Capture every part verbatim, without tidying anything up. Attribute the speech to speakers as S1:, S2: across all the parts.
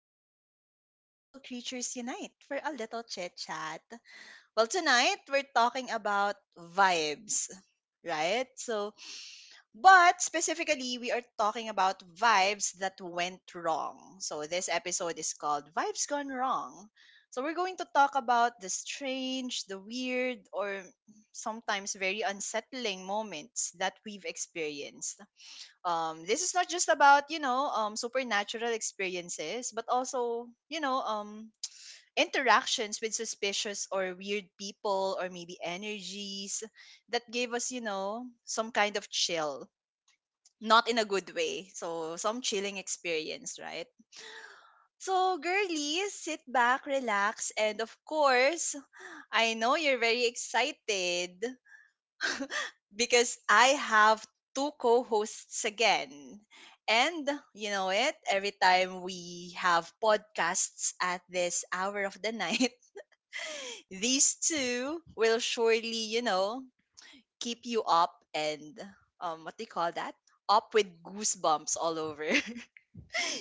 S1: where all the beautiful creatures unite for a little chit chat. Well, tonight we're talking about vibes, right? So, but specifically, we are talking about vibes that went wrong. So, this episode is called Vibes Gone Wrong. So, we're going to talk about the strange, the weird, or sometimes very unsettling moments that we've experienced. Um this is not just about you know um supernatural experiences, but also you know um interactions with suspicious or weird people, or maybe energies that gave us you know some kind of chill, not in a good way. So some chilling experience, right? So, girlies, sit back, relax, and of course, I know you're very excited because I have two co-hosts again. And you know it, every time we have podcasts at this hour of the night, these two will surely, you know, keep you up and um what do you call that? Up with goosebumps all over.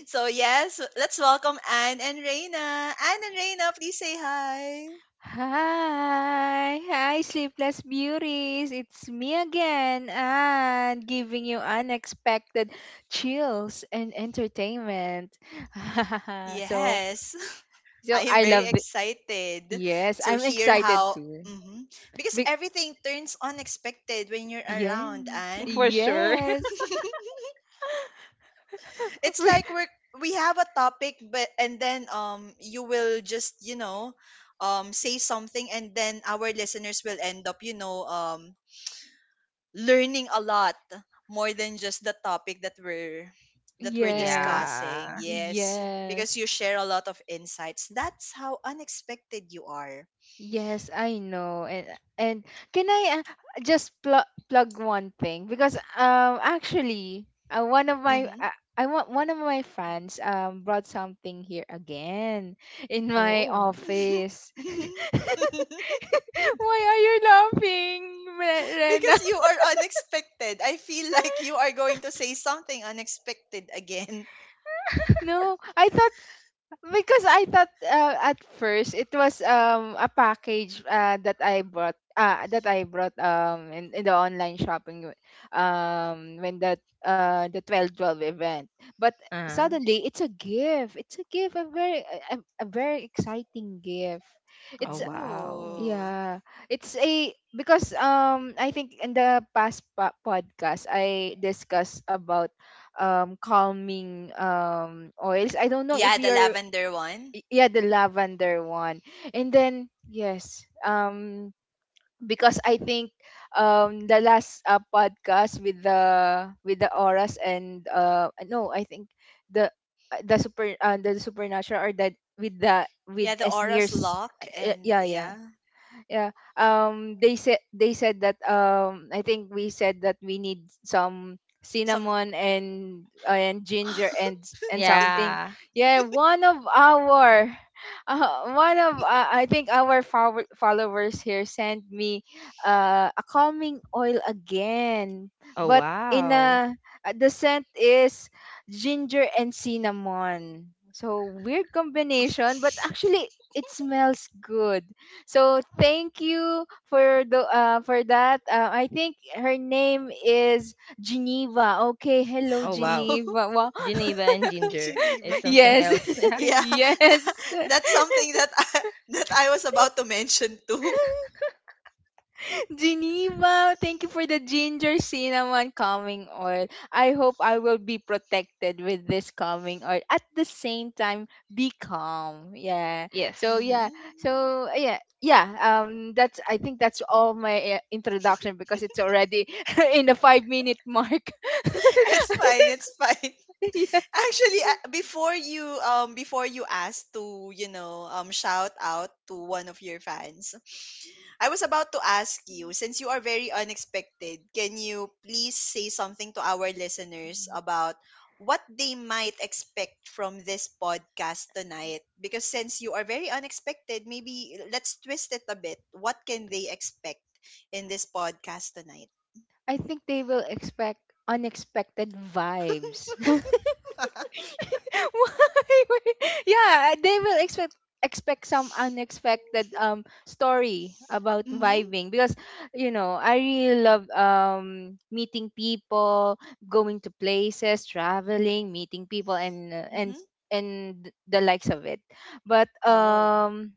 S1: So yes, let's welcome Anne and Reina. Anne and Reina, please say hi.
S2: Hi, hi, sleepless beauties. It's me again, and giving you unexpected chills and entertainment. so,
S1: Yes. I
S2: so
S1: am
S2: I
S1: very
S2: love it.
S1: excited
S2: Yes,
S1: to
S2: I'm
S1: hear
S2: excited
S1: how.
S2: too.
S1: Hmm. Because
S2: Be-
S1: everything turns unexpected when you're
S2: yeah,
S1: around, and
S3: For sure.
S2: yes,
S1: it's like we're we have a topic, but and then um you will just you know um say something, and then our listeners will end up you know um learning a lot more than just the topic that we're that we're
S2: yes,
S1: discussing.
S3: Yeah.
S1: Yes, because
S2: yes.
S1: you share a lot of insights. That's how unexpected you are.
S2: Yes, I know. And and can I uh, just plug plug one thing because um actually uh, one of my
S1: Mm-hmm.
S2: uh, I want one of my fans um brought something here again in my
S3: Oh.
S2: office. Why are you laughing, Re- Rena?
S1: Because you are unexpected. I feel like you are going to say something unexpected again.
S2: No, I thought Because I thought uh, at first it was um a package uh, that I bought uh, that I brought um in, in the online shopping um when that uh the twelve twelve event. But
S3: Uh,
S2: suddenly it's a gift. It's a gift, a very a, a a very exciting gift.
S3: oh
S2: It's
S3: wow.
S1: Oh.
S2: yeah, it's a because um I think in the past po- podcast I discussed about um calming um oils. I don't know if
S1: Yeah, the
S2: you're
S1: lavender one.
S2: y- yeah, the lavender one. And then yes um because I think um the last uh, podcast with the with the auras, and uh no I think the uh, the super uh, the supernatural, or that with the
S1: Yeah,
S2: with
S1: the Aura's
S2: Esnir's.
S1: lock,
S2: uh,
S1: and
S2: yeah yeah
S1: yeah,
S2: yeah um they said, they said that um I think we said that we need some
S1: some
S2: cinnamon, and and ginger, and s- and something
S3: Yeah.
S2: yeah one of our uh, one of uh, I think our follow- followers here sent me uh, a calming oil again,
S3: Oh
S2: but in
S3: wow.
S2: a uh, the scent is ginger and cinnamon, so weird combination, but actually it smells good. So thank you for the uh, for that. Uh, I think her name is Geneva. Okay, hello
S3: Oh wow.
S1: Oh,
S2: Geneva. Wow.
S3: Geneva and ginger is
S1: Geneva.
S3: something
S2: Yes.
S3: else. Yeah.
S1: Yeah.
S2: yes.
S1: that- that's something that I, that I was about to mention too.
S2: Geneva, thank you for the ginger cinnamon calming oil. I hope I will be protected with this calming oil. At the same time, be calm. Yeah. So
S3: Yes.
S2: yeah.
S1: Mhm.
S2: So yeah. Yeah. Um. That's. I think that's all my uh, introduction because it's already in the five minute mark.
S1: It's fine, it's fine.
S2: yes.
S1: Actually, uh, before you um before you asked to, you know, um shout out to one of your fans, I was about to ask you, since you are very unexpected, can you please say something to our listeners about what they might expect from this podcast tonight? Because since you are very unexpected, maybe let's twist it a bit. What can they expect in this podcast tonight?
S2: I think they will expect unexpected vibes. Why? Why? Yeah, uh, they will expect expect some unexpected um story about
S1: Mhm.
S2: vibing, because you know I really love um meeting people, going to places, traveling, meeting people, and uh, and
S1: Mhm.
S2: and the likes of it. But
S1: Oh.
S2: um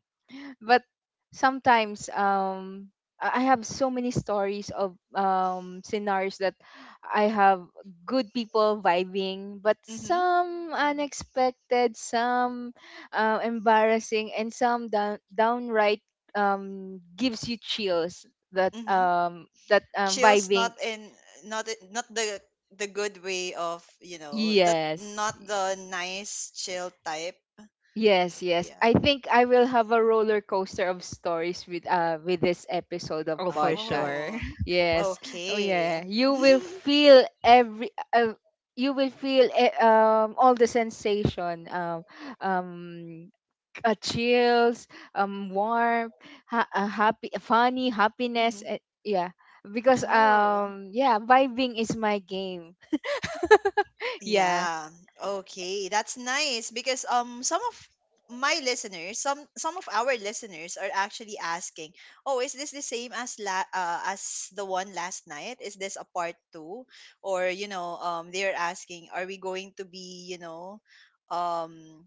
S2: but sometimes um I I have so many stories of um scenarios that I have good people vibing, but some unexpected, some uh, embarrassing, and some down, downright um gives you chills. That
S1: Mhm.
S2: um that um,
S1: Chills, not
S2: vibing,
S1: in not in- not the the good way of, you know that,
S2: yes.
S1: not the nice chill type.
S2: Yes, yes.
S1: Yeah.
S2: I think I will have a roller coaster of stories with uh with this episode of
S3: Oh for
S2: podcast.
S3: sure.
S1: Oh,
S2: Yes. Oh
S1: okay.
S2: yeah. You will feel every uh, you will feel eh, um all the sensation um um uh, chills, um warm, ha- uh, happy funny, happiness.
S1: Mhm.
S2: eh, yeah. Because
S1: Oh.
S2: um yeah, vibing is my game. Yeah.
S1: Yeah. Okay, that's nice, because um some of my listeners, some some of our listeners, are actually asking, "Oh, is this the same as la uh, as the one last night? Is this a part two? Or, you know, um they're asking, are we going to be, you know, um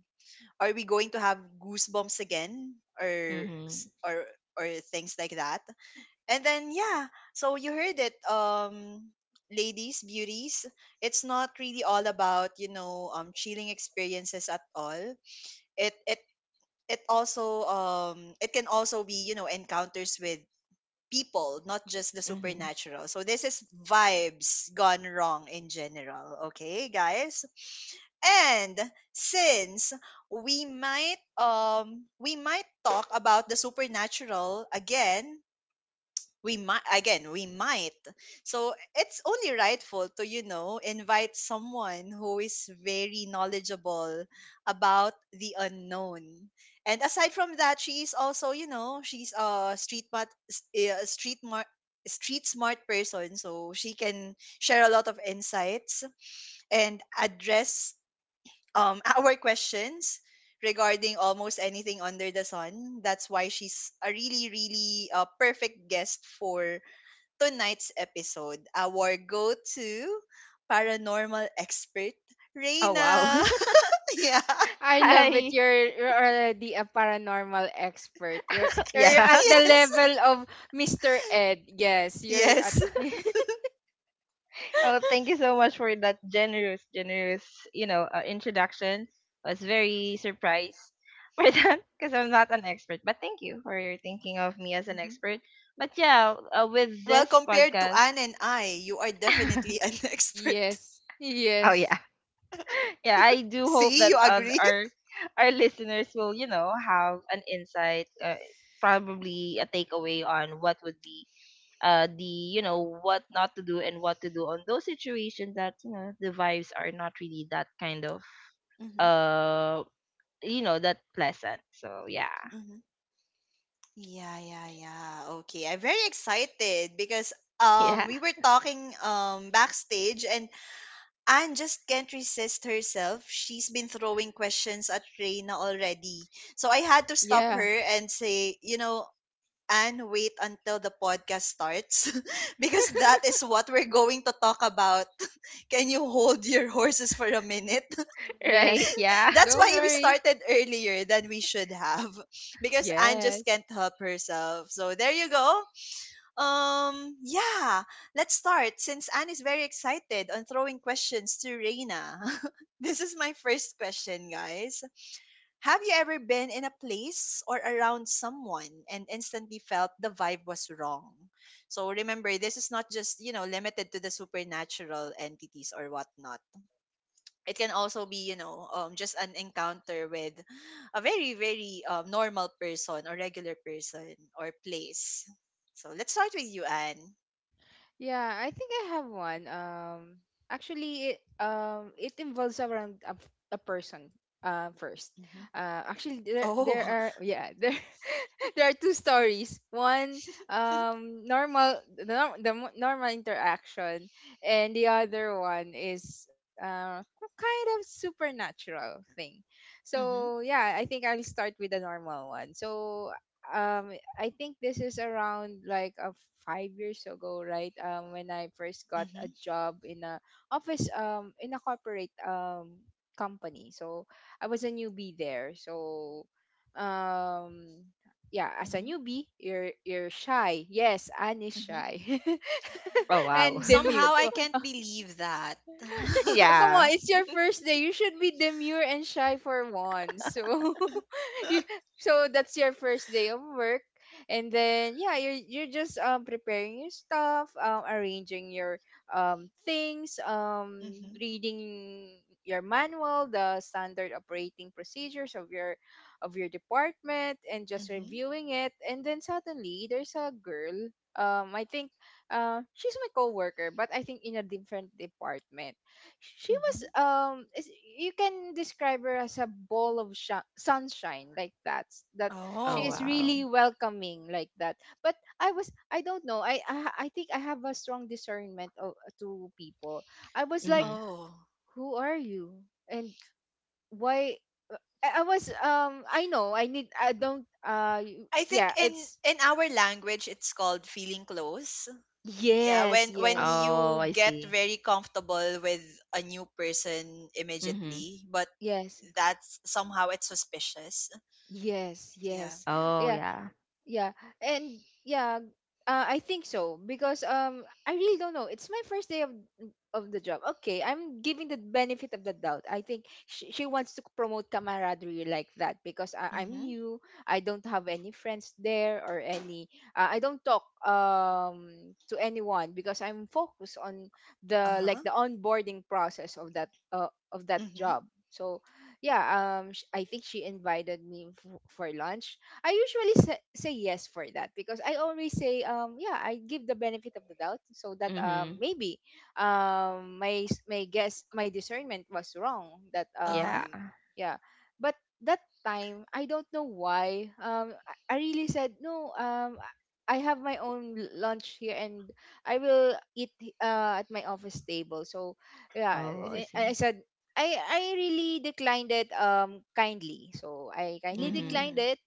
S1: are we going to have goosebumps again, or s-
S3: Mhm.
S1: or or things like that?" And then yeah, so you heard it, um, ladies, beauties. It's not really all about you know um chilling experiences at all. It it it also um it can also be you know encounters with people, not just the
S3: Mhm.
S1: supernatural. So this is vibes gone wrong in general. Okay, guys. And since we might um we might talk about the supernatural again, we might again we might so it's only rightful to, you know, invite someone who is very knowledgeable about the unknown. And aside from that, she's also you know she's a street smart, s- a street mar- street smart person, so she can share a lot of insights and address um our questions regarding almost anything under the sun. That's why she's a really, really uh, perfect guest for tonight's episode, our go to paranormal expert,
S3: Oh wow.
S1: Reina. Yeah.
S2: I love it.
S3: Hi.
S2: You're, you're already a paranormal expert. You're, you're at
S3: Yeah.
S2: the
S1: Yes.
S2: level of Mister Ed. Yes, you're at.
S1: Yes.
S3: Oh, thank you so much for that generous, generous, you know, uh, introduction. I was very surprised for that because I'm not an expert. But thank you for your thinking of me as an
S1: Mhm.
S3: expert. But yeah, uh, with
S1: Well,
S3: this
S1: compared to
S3: podcast,
S1: Anne and I, you are definitely an expert.
S2: yes,
S3: oh
S2: yes,
S3: yeah, yeah, I do hope
S1: See,
S3: that
S1: you
S3: uh,
S1: agree?
S3: our our listeners will, you know, have an insight, uh, probably a takeaway on what would be uh the you know what not to do and what to do on those situations that you know the vibes are not really that kind of
S1: Mm-hmm.
S3: uh you know that pleasant, so yeah.
S1: Mm-hmm. Yeah, yeah, yeah. Okay, I'm very excited because um
S3: Yeah,
S1: we were talking um backstage, and Anne just can't resist herself. She's been throwing questions at Reina already. So I had to stop
S2: yeah,
S1: her and say, you know, Anne, wait until the podcast starts because that is what we're going to talk about. Can you hold your horses for a minute?
S2: yes.
S3: right, yeah.
S1: That's
S2: Don't
S1: why we
S2: worry.
S1: started earlier than we should have, because Anne just
S2: Yes.
S1: can't help herself. So there you go. Um, yeah, let's start, since Anne is very excited on throwing questions to Reina. This is my first question, guys. Have you ever been in a place or around someone and instantly felt the vibe was wrong? So remember, this is not just, you know, limited to the supernatural entities or whatnot. It can also be, you know, um, just an encounter with a very, very um, normal person or regular person or place. So let's start with you, Anne.
S2: Yeah, I think I have one. Um, actually, it um it involves around a a person. Uh, first,
S1: Mhm.
S2: uh, actually, there there
S1: Oh.
S2: are yeah there there are two stories. One, um, normal the, nor- the mo- normal interaction, and the other one is uh kind of supernatural thing. So
S1: Mhm.
S2: yeah, I think I'll start with the normal one. So um I think this is around like uh, five years ago, right? Um, when I first got a
S1: Mhm.
S2: job in a office, um, in a corporate um company. So I was a newbie there. So, um, yeah, as a
S1: Mhm.
S2: newbie, you're you're shy. Yes, Anne is
S1: Mhm.
S2: shy,
S3: Oh wow.
S2: and Demu.
S1: Somehow I can't believe that.
S2: Oh, come
S3: Yeah.
S2: on, it's your first day. You should be demure and shy for once. So, you, so that's your first day of work, and then yeah, you're you're just um preparing your stuff, um arranging your um things, um
S1: Mhm.
S2: reading your manual, the standard operating procedures of your of your department, and just
S1: Mhm.
S2: reviewing it. And then suddenly there's a girl. Um, I think uh, she's my coworker, but I think in a different department she was
S1: Mhm.
S2: um is- you can describe her as a ball of sh- sunshine, like that that she
S3: Oh
S2: is
S1: Oh.
S3: wow.
S2: really welcoming, like that. But I was, I don't know, i i, I think I have a strong discernment of, to people. I was like,
S3: Mm-hmm.
S1: Oh.
S2: who are you, and why? I, I was um I know I need I don't uh you-
S1: I think
S2: yeah
S1: in
S2: it's
S1: in our language it's called feeling close. Yeah,
S2: yes
S1: when when
S2: yes
S3: Oh
S1: you
S3: I
S1: get
S3: see.
S1: very comfortable with a new person
S3: Mm-hmm.
S1: immediately, but
S2: yes
S1: that's somehow it's suspicious.
S2: yes
S1: Yeah.
S2: yes
S3: Oh
S2: yeah
S3: yeah.
S2: Yeah, and yeah, uh, I think so because um, I really don't know. It's my first day of of the job. Okay, I'm giving the benefit of the doubt. I think she, she wants to promote camaraderie, like that, because I, I'm
S1: Mhm.
S2: new. I don't have any friends there or any. Uh, I don't talk um to anyone because I'm focused on the like
S1: Uh-huh.
S2: the onboarding process of that uh, of that
S1: Mhm.
S2: job. So yeah, um, sh- I think she invited me f- for lunch. I usually say, say yes for that, because I always say um yeah, I give the benefit of the doubt, so that
S3: Mm-hmm.
S2: um maybe um my s- my guess my discernment was wrong, that
S1: Uh-huh.
S3: Yeah.
S2: um yeah. But that time I don't know why, um I I really said no. um I I have my own l- lunch here, and I will eat h- uh, at my office table, so yeah.
S3: Oh I
S2: I I
S3: see.
S2: said I I really declined it um kindly. So I kindly
S3: Mm-hmm.
S2: declined
S1: Mm.
S2: it.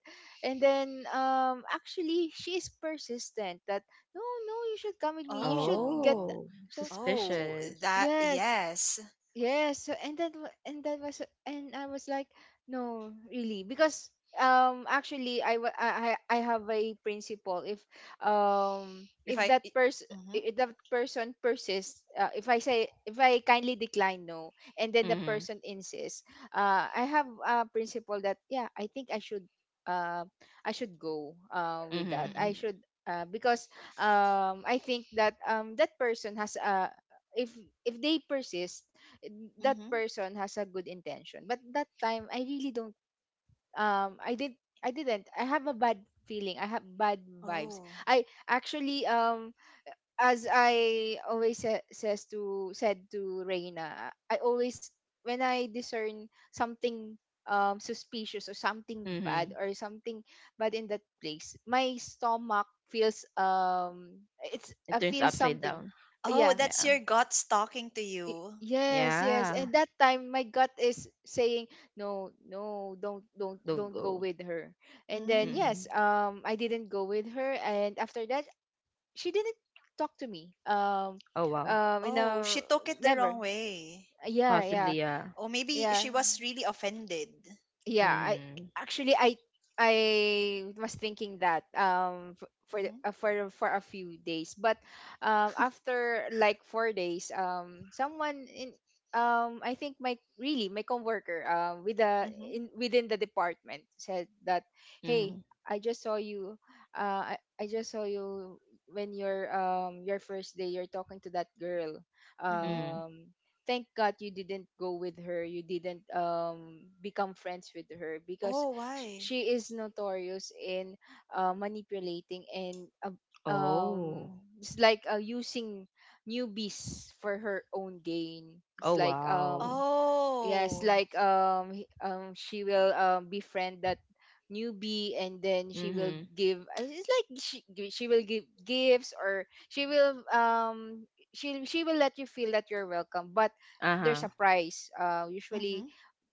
S2: And then um actually she is persistent that no, no, you should come with me. You should get
S1: Oh.
S2: th-
S3: Oh,
S2: so, so
S1: Oh,
S3: suspicious.
S1: that
S2: yes.
S1: yes.
S2: Yes, so and that wa- and that was, and I was like, no, really, because um actually I wa- I I I have a principle if um
S1: If
S2: if
S1: I
S2: that
S1: I-
S2: person,
S1: Mhm.
S2: if that person persists, uh, if I say, if I kindly decline no and then the
S3: Mm-hmm.
S2: person insists, uh I have a principle that yeah I think I should uh I should go uh with
S3: Mm-hmm.
S2: that.
S3: Mm-hmm.
S2: I
S1: Mhm.
S2: should, uh because um I think that um that person has uh if if they persist, that
S1: Mhm.
S2: person has a good intention. But that time I really don't, um i did I didn't, I have a bad feeling, I have bad vibes.
S1: Oh.
S2: I actually um As I always sa- says to said to Reina, I always, when I discern something um suspicious or something bad,
S3: Mm-hmm.
S2: or something bad in that place, my stomach feels, um it's
S3: It
S2: I
S3: turns
S2: feel
S3: upside
S2: something,
S3: down.
S1: Oh,
S2: yeah.
S1: that's
S3: Yeah.
S1: your guts talking to
S2: Y-
S1: you.
S2: Yes, yes.
S3: Yeah,
S2: And that time my gut is saying, no, no, don't don't
S3: don't
S2: don't go
S3: go.
S2: with her. And then yes,
S3: Mm.
S1: Mm.
S2: um I didn't go with her. And after that she didn't talk to me. Um
S3: Oh, wow.
S2: um you
S1: Oh, she
S2: know,
S1: took it the
S2: never.
S1: wrong way.
S2: Yeah, yeah.
S3: Possibly, yeah.
S1: Oh, maybe
S2: Yeah.
S1: she was really offended.
S2: yeah I
S3: Mm.
S2: actually, i I was thinking that um f- for the-
S1: Mhm.
S2: uh, for for a few days. But um after like four days, um someone in, um I think my really my coworker um with the
S1: Mhm.
S2: in within the department, said that, hey,
S3: Mm.
S2: i just saw you uh i, I just saw you when your um your first day, you're talking to that girl.
S1: Mhm.
S3: Mm.
S2: um Thank God you didn't go with her. You didn't um become friends with her because
S1: Oh,
S2: sh-
S1: why?
S2: she is notorious in uh, manipulating and ab- um
S3: Oh.
S2: it's like uh, using newbies for her own gain.
S3: Oh,
S2: It's like
S3: wow.
S2: um yes,
S1: Oh.
S2: like um he- um she will um befriend that newbie, and then she will
S3: Mm-hmm.
S2: give I- it's like she gi- she will give gifts, or she will um she she will let you feel that you're welcome, but there's
S3: Uh-huh.
S2: a price. Uh, usually
S1: Mhm.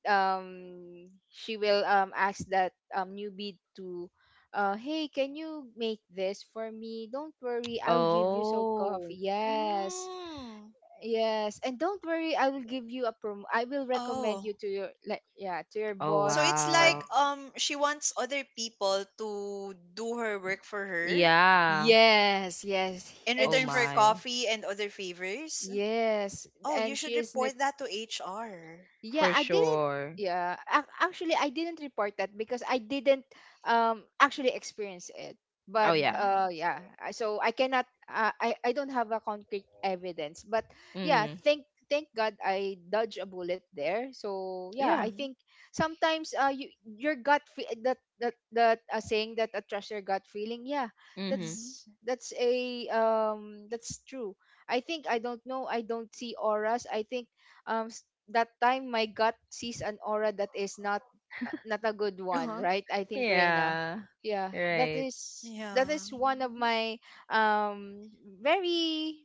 S2: um she will um ask that um newbie to, uh, hey, can you make this for me? Don't worry, I'll give you so
S3: Oh.
S2: coffee. Yes.
S1: Mm.
S2: Yes, and don't worry, I will give you a prom. I will recommend you
S1: Oh.
S2: to your, like, yeah, to your
S3: Oh,
S1: So
S2: boss
S1: it's
S2: for
S1: like
S3: wow.
S1: um she wants other people to do her work for her,
S3: Yeah.
S2: yes, yes,
S1: in
S2: and
S3: Oh
S1: return for
S2: she's
S3: my.
S1: coffee and other favors.
S2: yes,
S1: Oh, you
S2: and
S1: should
S2: she is,
S1: report that to H R.
S2: yeah,
S3: For
S2: I didn't.
S3: sure.
S2: Yeah, ac- actually, I didn't report that because I didn't um actually experience it.
S3: Oh,
S2: But
S3: yeah.
S1: Mhm.
S2: uh, yeah, I- so I cannot. Uh, I I don't have a concrete evidence. But yeah,
S3: Mm.
S2: thank thank God I dodged a bullet there. So yeah,
S3: Yeah.
S2: I
S1: Mhm.
S2: think sometimes uh you your gut fe- that that that uh, saying that, uh, trust your gut feeling. Yeah,
S3: Mm-hmm.
S1: Mhm.
S2: that's that's a um that's true. I think I don't know. I don't see auras. I think um that time my gut sees an aura that is not uh, not a good one,
S1: Uh-huh.
S2: right? I think, Reina,
S3: Yeah.
S2: yeah, that
S3: Right.
S2: is
S1: Yeah.
S2: that is one of my um very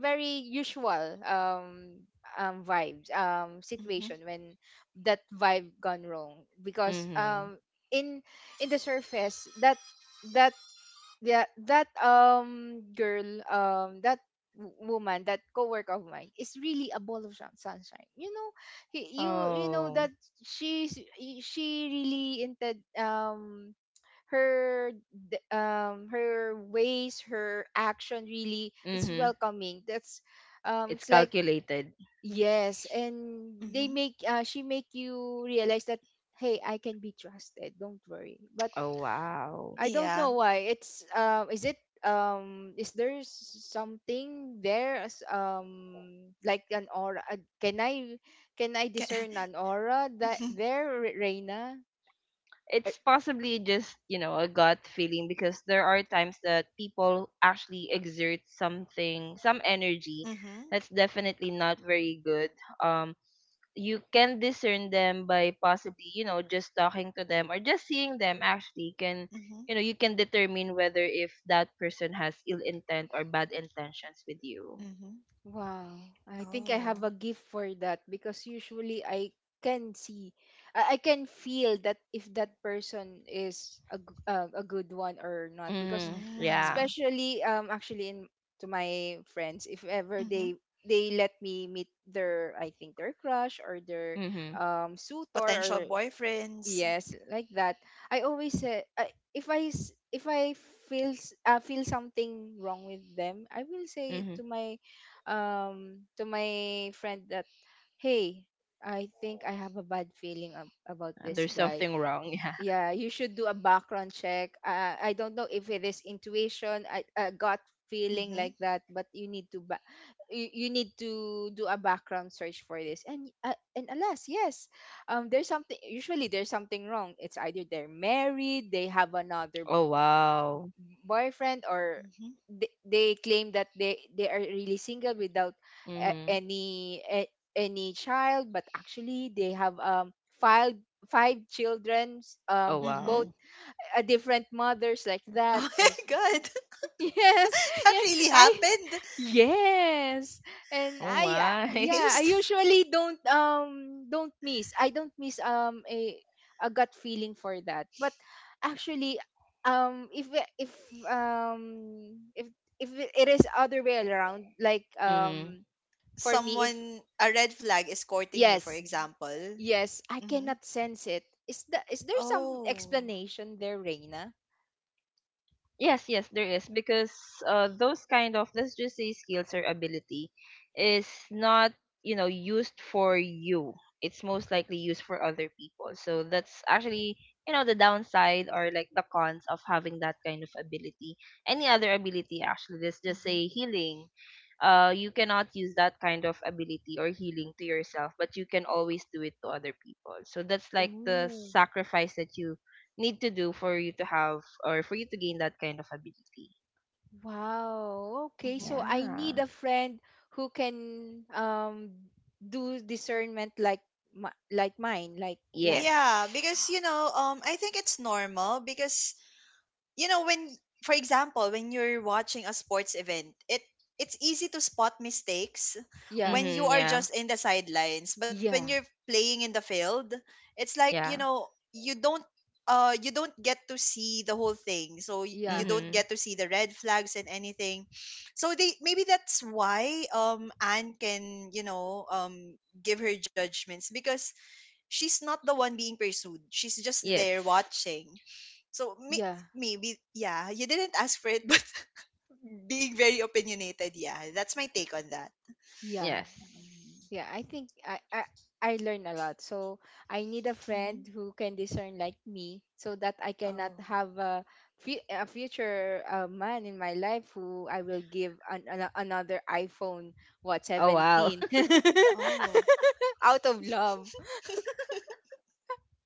S2: very usual um um vibes um
S1: Mhm.
S2: situation when that vibe gone wrong because
S3: Mm-hmm.
S2: um in in the surface that that yeah that um girl um that w- woman that co-worker of mine is really a ball of sun- sunshine, you know y- you you know
S3: Oh.
S2: that she's y- she really intend um her d- um her ways, her action, really it's
S3: Mm-hmm.
S2: welcoming. That's um
S3: It's
S2: it's like
S3: calculated.
S2: yes, and they
S1: Mhm.
S2: make uh, she make you realize that hey, I can be trusted, don't worry. But
S3: Oh, wow.
S2: I don't
S1: Yeah.
S2: know why. It's um is it um is there s- something there as um like an aura? Uh, Can I can I
S1: Ca-
S2: discern an aura that
S1: Mhm.
S2: there, Re- Reina?
S3: It's possibly just you know a gut feeling, because there are times that people actually exert something, some energy
S1: Mhm.
S3: that's definitely not very good. Um, you can discern them by possibly you know just talking to them or just seeing them. Actually, can,
S1: Mhm.
S3: you know, you can determine whether if that person has ill intent or bad intentions with you.
S1: Mhm.
S2: Wow, I think I
S1: Oh.
S2: have a gift for that because usually I can see, I, I can feel that if that person is a, g- uh, a good one or not. Because
S3: Mm-hmm. Yeah.
S1: Mm.
S2: especially um actually in to my friends, if ever
S1: Mhm.
S2: they they let me meet their, I think, their crush or their
S3: Mm-hmm.
S2: um suitor
S1: Potential
S2: or
S1: boyfriends.
S2: yes, like that. I always say, I if I s- if I feel s- uh, feel something wrong with them, I will say
S3: Mm-hmm.
S2: to my um to my friend that hey, I think I have a bad feeling ab- about this
S3: There's
S2: guy.
S3: something wrong. Yeah.
S2: Yeah, you should do a background check. uh, I don't know if it is intuition, I, a gut feeling
S1: Mhm.
S2: like that, but you need to ba- you, you need to do a background search for this. And uh, and alas, yes, um there's something, usually there's something wrong. It's either they're married, they have another
S3: Oh wow.
S2: boyfriend, or
S1: Mhm.
S2: they, they claim that they they are really single without uh,
S3: Mm-hmm.
S2: any a, any child, but actually they have um filed five children
S3: Oh
S2: um
S1: Mhm.
S2: both
S3: wow.
S2: a different mothers, like that
S1: Oh my
S2: also.
S1: god.
S2: yes,
S1: That
S2: yes
S1: really
S2: I
S1: happened.
S2: Yes, and
S3: Oh
S2: I uh,
S3: my.
S2: yeah, I
S1: Just
S2: usually don't um don't miss, I don't miss um a a gut feeling for that. But actually, um if we- if um if if it is other way around, like,
S3: Mhm.
S2: um for me, if
S1: someone a red flag is courting you, for
S2: yes,
S1: example.
S2: yes, I
S1: Mhm.
S2: cannot sense it. Is the is there some
S1: Oh.
S2: explanation there, Reina?
S3: Yes, yes, there is, because uh, those kind of, let's just say, skills or ability is not, you know, used for you. It's most likely used for other people. So that's actually you know the downside, or like the cons of having that kind of ability. Any other ability, actually, let's just
S1: Mm-hmm.
S3: say healing. Uh, you cannot use that kind of ability or healing to yourself, but you can always do it to other people. So that's like the
S2: Ooh.
S3: sacrifice that you need to do for you to have, or for you to gain that kind of ability.
S2: Wow. Okay,
S1: Hmm.
S2: so I need
S3: Yeah.
S2: a friend who can um do discernment like my, like mine. Like yeah,
S3: Yes.
S1: Yeah, because, you know, um, I think it's normal. Because you know when for example, when you're watching a sports event, it it's easy to spot mistakes
S2: yeah,
S1: when you
S3: Mhm.
S1: are
S3: Yeah.
S1: just in the sidelines. But when
S2: yeah,
S1: you're playing in the field, it's like, you
S3: Yeah.
S1: know you don't uh you don't get to see the whole thing, so y- you
S2: yeah,
S1: don't
S3: Mhm.
S1: get to see the red flags and anything. So they, maybe that's why um Anne can, you know um give her judgments, because she's not the one being pursued, she's just there
S3: Yes.
S1: watching. So may-
S2: yeah,
S1: maybe, yeah, you didn't ask for it, but being very opinionated, yeah, that's my take on that.
S2: yeah,
S3: Yes.
S1: Mm-hmm.
S2: yeah. I think I I I learn a lot. So I need a friend
S1: Mm-hmm.
S2: who can discern like me, so that I cannot
S1: Oh,
S2: have a fu- a future uh, man in my life who I will give an, an, another iPhone, what,
S3: Oh wow.
S2: seventeen,
S1: oh.
S2: out of love.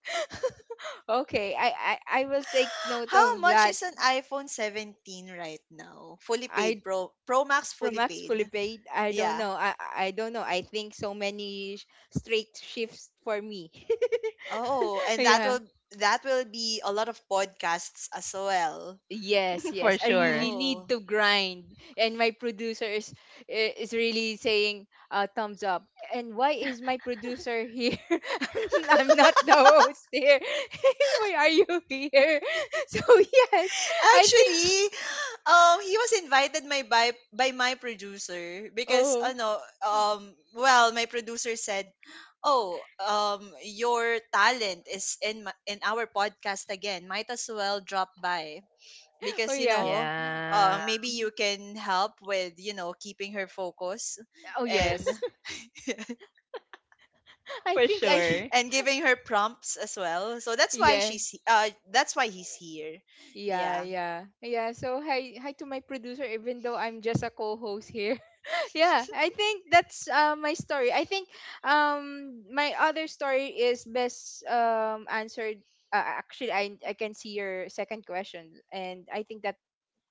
S2: Okay, I, I, I will take note
S1: How
S2: of
S1: much
S2: that.
S1: is an iPhone seventeen right now? Fully
S2: I
S1: paid, Pro Pro Max,
S2: from
S1: fully
S2: Max
S1: paid.
S2: fully paid, I don't
S1: Yeah.
S2: know. I I don't know. I think so many sh- straight shifts for me.
S1: Oh, and that
S2: yeah.
S1: will that will be a lot of podcasts as well.
S2: Yes,
S3: For
S2: yes, I
S3: sure.
S2: really need
S1: Oh.
S2: to grind, and my producer is i- is really saying uh, thumbs up. And why is my producer here? I'm not the host here. Hey, why are you here? So yes, I think.
S1: Actually, um, he was invited my by by my producer, because
S2: Oh,
S1: ano um well, my producer said, "Oh, um your talent is in my, in our podcast again. Might as well drop by
S2: oh
S1: because, you
S2: yeah.
S1: know, uh,
S3: Yeah.
S1: maybe you can help with you know keeping her focus
S2: Oh
S1: and
S2: yes. I
S3: For
S2: think I should.
S3: sure.
S1: and giving her prompts as well." So that's why
S2: Yeah,
S1: she's he- uh that's why he's here.
S2: yeah,
S1: Yeah.
S2: yeah, yeah. So hi, hi to my producer, even though I'm just a co-host here. yeah, I think that's uh, my story. I think um my other story is best um answered. Uh, actually, I I can see your second question, and I think that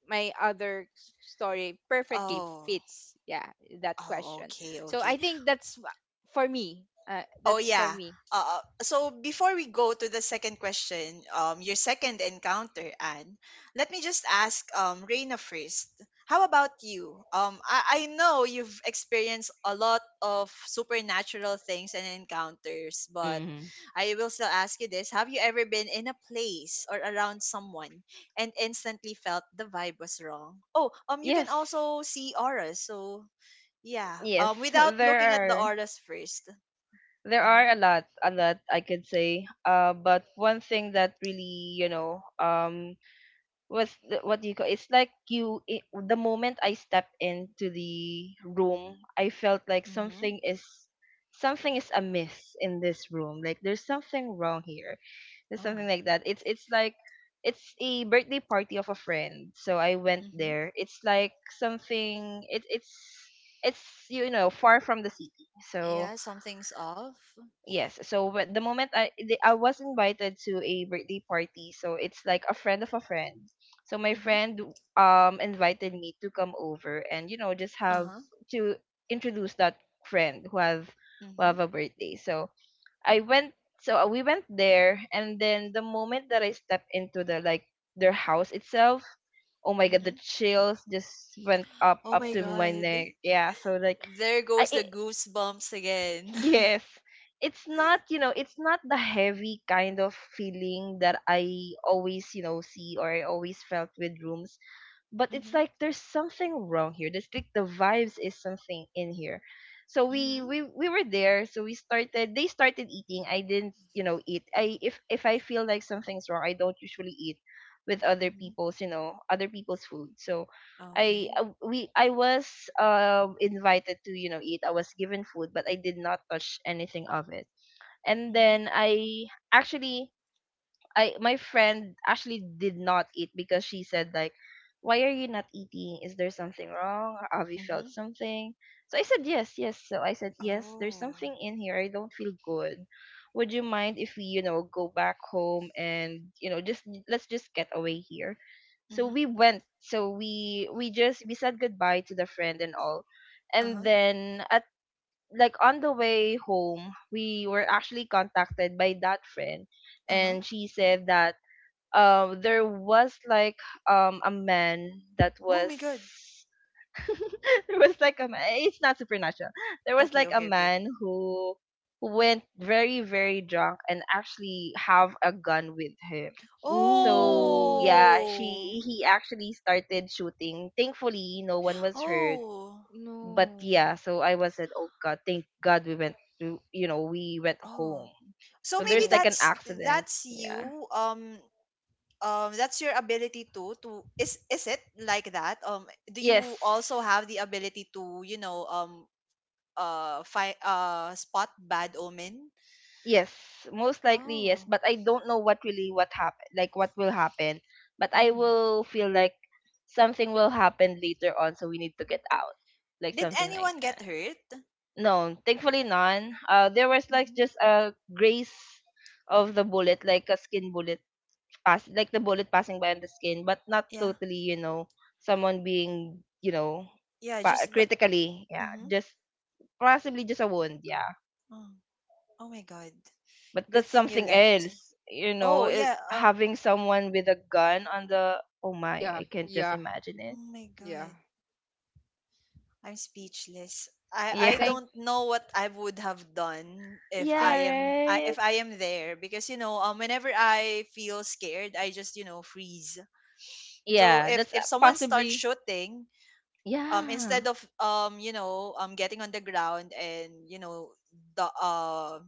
S2: my other s- story perfectly
S1: Oh.
S2: fits. Yeah, that
S1: Oh,
S2: question.
S1: okay,
S2: So I
S1: okay.
S2: think that's wha- for me. Uh,
S1: Oh
S2: that's for
S1: yeah.
S2: me.
S1: Uh, so before we go to the second question, um, your second encounter, Anne, let me just ask um, Reina first. How about you? Um, I, I know you've experienced a lot of supernatural things and encounters, but
S3: Mhm.
S1: I will still ask you this: Have you ever been in a place or around someone and instantly felt the vibe was wrong? Oh, um, you can
S3: Yes.
S1: also see auras, so yeah.
S3: Yes.
S1: Um, without
S3: There
S1: looking at the
S3: are,
S1: auras first.
S3: there are a lot a lot I could say. Uh but one thing that really, you know, um was the, what do you call, it's like you it, the moment I step into the room, I felt like
S1: Mm-hmm.
S3: something is something is amiss in this room, like there's something wrong here, there's something
S1: Oh.
S3: like that. It's it's like it's a birthday party of a friend, so I went
S1: Mm-hmm.
S3: there. It's like something, it, it's it's you know far from the city. So
S1: Yeah, something's off.
S3: yes. So wh- the moment I the, I was invited to a birthday party, so it's like a friend of a friend. So my
S1: Mm-hmm.
S3: friend um invited me to come over and you know just have
S1: Uh-huh.
S3: to introduce that friend who have who
S1: Mm-hmm.
S3: have a birthday. So I went. So uh, we went there, and then the moment that I stepped into the like their house itself, oh my god,
S1: Mm-hmm.
S3: the chills just went up
S1: Oh
S3: up
S1: my
S3: to my
S1: God.
S3: neck. Yeah. So like
S1: There goes
S3: I,
S1: the
S3: it,
S1: goosebumps again.
S3: yes. It's not, you know, it's not the heavy kind of feeling that I always, you know, see, or I always felt with rooms, but it's
S1: Mm-hmm.
S3: like there's something wrong here. There's like the vibes is something in here. So we
S1: Mm-hmm.
S3: we we were there. So we started. They started eating. I didn't, you know, eat. I, if if I feel like something's wrong, I don't usually eat with other
S1: Mm-hmm.
S3: people's, you know, other people's food. So I
S1: Okay.
S3: uh, we I was um invited to you know eat. I was given food, but I did not touch anything of it. And
S1: Mm-hmm.
S3: then I actually, I, my friend actually did not eat, because she said like, "Why are you not eating? Is there something wrong? Have you
S1: Mm-hmm.
S3: felt something?" So I said, "Yes, yes." So I said, "Yes, there's
S1: Oh.
S3: something in here. I don't feel good. Would you mind if we, you know, go back home and, you know, just let's just get away here?" So
S1: Mm-hmm.
S3: we went. So we we just we said goodbye to the friend and all. And
S1: Uh-huh.
S3: then like on the way home, we were actually contacted by that friend,
S1: Uh-huh.
S3: and she said that um there was like um a man that
S1: Oh
S3: was
S1: my god.
S3: there was like a man. It's not supernatural. There was
S1: Okay,
S3: like a
S1: okay, okay.
S3: man who went very very drunk and actually have a gun with him. So
S2: Ooh,
S3: yeah,
S1: Oh.
S3: she he actually started shooting. Thankfully, no one was hurt,
S1: Oh.
S3: but
S2: no.
S3: yeah, so I was at, oh god, thank God we went to, you know, we went
S1: Oh.
S3: home.
S1: So
S3: So
S1: maybe
S3: there's
S2: Yeah.
S3: like an
S1: that's
S3: accident.
S1: that's
S3: Yeah.
S1: you. Um um that's your ability to — to is is it like that um do you also
S3: Yes.
S1: have the ability to you know um uh fi- uh spot bad omen?
S3: Yes, most likely yes,
S1: Oh.
S3: but I don't know what really what happened, like what will happen, but I
S1: Mm.
S3: will feel like something will happen later on, so we need to get out, like
S1: Did
S3: something like
S1: anyone get
S3: that.
S1: hurt?
S3: No, thankfully none. Uh, there was like
S1: Hmm.
S3: just a grace of the bullet, like a skin bullet pass, like the bullet passing by on the skin, but not
S1: Yeah,
S3: totally, you know, someone being, you know,
S1: yeah,
S3: pa-
S1: just but
S3: critically, yeah,
S1: mm-hmm.
S3: just possibly just a wound, yeah.
S1: Oh. Oh my god.
S3: But that's
S1: Good thing you
S3: something
S1: left.
S3: else, you know,
S1: Oh
S3: it,
S1: yeah. Uh,
S3: having someone with a gun on the, oh my,
S2: Yeah,
S3: I can't just
S2: yeah,
S3: imagine
S1: oh
S3: it.
S1: my
S2: yeah,
S1: god, I'm speechless. I
S2: yeah.
S1: I
S3: Yeah.
S2: Thank,
S1: don't know what I would have done if
S3: Yeah,
S2: thank.
S1: I am I,
S3: right.
S1: if I am there, because you know um whenever I feel scared, I just you know freeze. So
S3: Yeah,
S1: if
S3: that's uh,
S1: if someone starts
S3: possibly
S1: shooting, um
S3: yeah.
S1: instead of um you know um getting on the ground, and you know the uh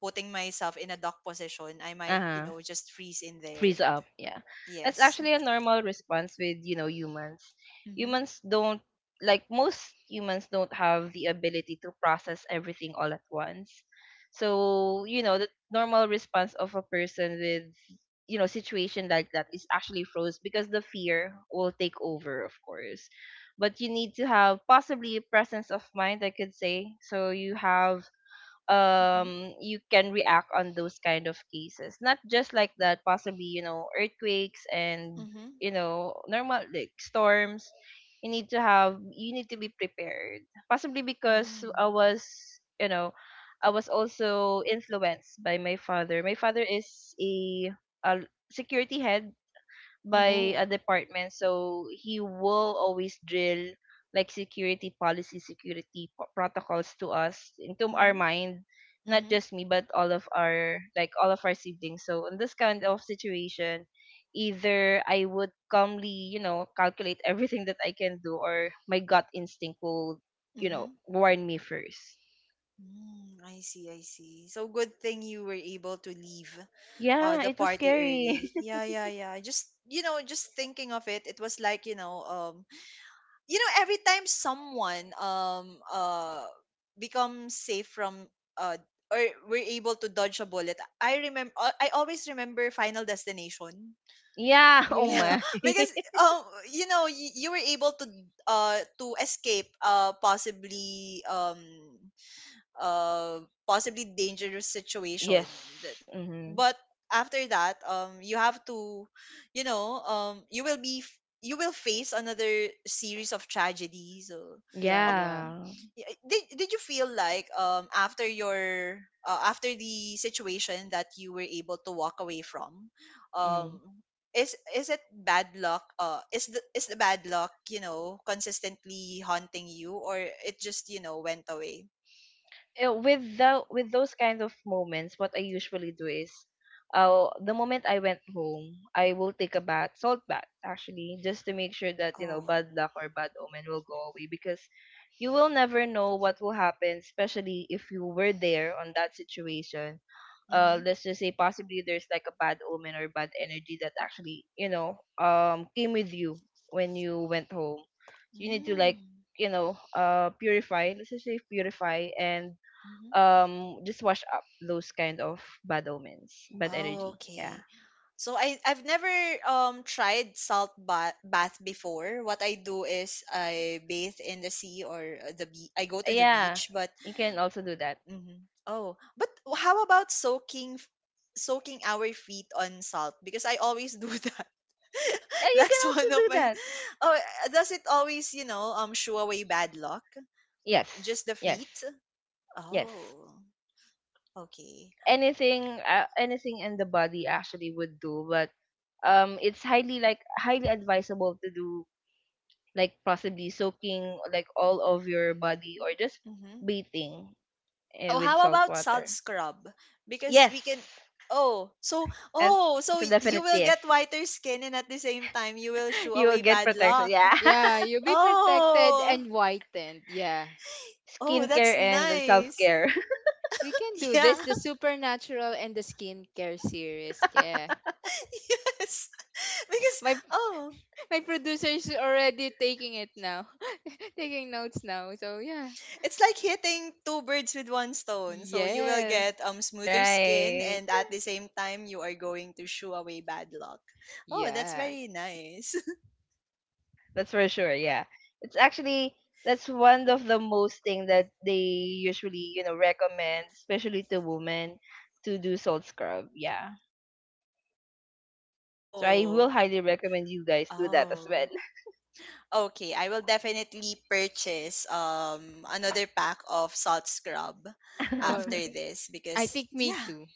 S1: putting myself in a dock position, I might you
S3: Uh-huh.
S1: know just freeze in
S3: Freeze
S1: there.
S3: up, yeah. That's
S1: Yes.
S3: actually a normal response with you know humans.
S1: Mhm.
S3: Humans don't Like most humans don't have the ability to process everything all at once. So you know the normal response of a person with, you know, situation like that is actually froze, because the fear will take over, of course. But you need to have possibly presence of mind, I could say, so you have,
S1: Mhm.
S3: um, you can react on those kind of cases, not just like that, possibly you know earthquakes and
S1: Mhm.
S3: you know normal like storms. You need to have, you need to be prepared, possibly. Because
S1: Oh.
S3: I was You know, I was also influenced by my father. My father is a, a security head by
S1: Mhm.
S2: Oh,
S3: a department, so he will always drill like security policy, security p- protocols to us into our
S1: Mhm.
S3: mind, not
S1: Mhm.
S3: just me but all of our, like all of our siblings. So in this kind of situation, either I would calmly you know calculate everything that I can do, or my gut instinct will you know
S1: Mhm.
S3: warn me first.
S1: Mm, I see, I see. So good thing you were able to leave uh
S3: Yeah,
S1: the
S3: it was
S1: party
S3: scary.
S1: early. Yeah, yeah, yeah. Just you know, just thinking of it, it was like, you know, um you know, every time someone um uh becomes safe from uh or we're able to dodge a bullet. I remember I always remember Final Destination.
S2: oh
S3: Yeah, oh
S1: Yeah,
S2: yeah,
S3: my.
S1: because um you know, you, you were able to uh to escape uh possibly um uh possibly dangerous situation that
S3: Yes. Hmm.
S1: but after that um you have to you know um you will be f- you will face another series of tragedies. So
S2: yeah,
S1: um
S2: yeah,
S3: Yeah.
S1: y- did, did you feel like um after your uh, after the situation that you were able to walk away from,
S3: Mm.
S1: um is is it bad luck? Uh is the is the bad luck, you know, consistently haunting you, or it just, you know, went away?
S3: Uh, with the, with those kind of moments, what I usually do is, uh, the moment I went home, I will take a bath, salt bath actually, just to make sure that you know
S1: Oh.
S3: bad luck or bad omen will go away, because you will never know what will happen, especially if you were there on that situation. Uh,
S1: Mm-hmm.
S3: let's just say possibly there's like a bad omen or bad energy that actually you know um came with you when you went home. You need to like
S1: Mm.
S3: you know uh purify. Let's just say purify and
S1: Mm-hmm.
S3: um just wash up those kind of bad omens, bad
S1: Oh,
S3: energy. Yeah.
S1: okay. So I I've never um tried salt bath bath before. What I do is I bathe in the sea, or uh, the be- I go to the
S3: Yeah.
S1: beach, but
S3: You can also do that.
S1: mhm. Oh, but how about soaking f- soaking our feet on salt? Because I always do that.
S3: Yeah, you can
S1: That's
S3: also
S1: one of
S3: do
S1: my.
S3: that.
S1: Oh, uh, does it always, you know, um shoo away bad luck?
S3: Yes.
S1: Just the
S3: Yes.
S1: feet?
S3: Yes.
S1: Oh, okay.
S3: Anything, uh, anything in the body actually would do, but um it's highly, like highly advisable to do like possibly soaking like all of your body or just
S1: Mm-hmm.
S3: bathing uh,
S1: Oh,
S3: with
S1: how
S3: salt
S1: about salt
S3: water.
S1: scrub? Because we can.
S3: Yes.
S1: Oh, so
S3: As,
S1: oh, so
S3: as a
S1: y- you
S3: definite
S1: will
S3: yes.
S1: get whiter skin, and at the same time, you will shoo
S3: You will
S1: away
S3: get
S1: bad
S3: protection.
S1: luck.
S3: Yeah.
S2: yeah. You'll be protected
S1: Oh,
S2: and whitened. Yeah,
S1: oh,
S3: Skincare
S1: that's
S3: and the
S1: nice.
S3: self-care.
S2: we can do
S1: Yeah,
S2: this. The supernatural and the skincare series. Yeah,
S1: yes. Because
S2: my
S1: oh,
S2: my producer is already taking it now, taking notes now. So yeah,
S1: it's like hitting two birds with one stone. So you will
S2: yes,
S1: get um smoother skin,
S3: Right.
S1: and at the same time, you are going to shoo away bad luck. Oh, that's
S2: yeah.
S1: very nice.
S3: That's for sure. Yeah. It's actually that's one of the most thing that they usually, you know, recommend, especially to women, to do salt scrub. Yeah. So I will
S1: Oh,
S3: highly recommend you guys do that as well.
S1: oh. Okay, I will definitely purchase um another pack of salt scrub
S2: Um,
S1: after this
S2: I
S1: because
S2: think me
S1: yeah.
S2: too.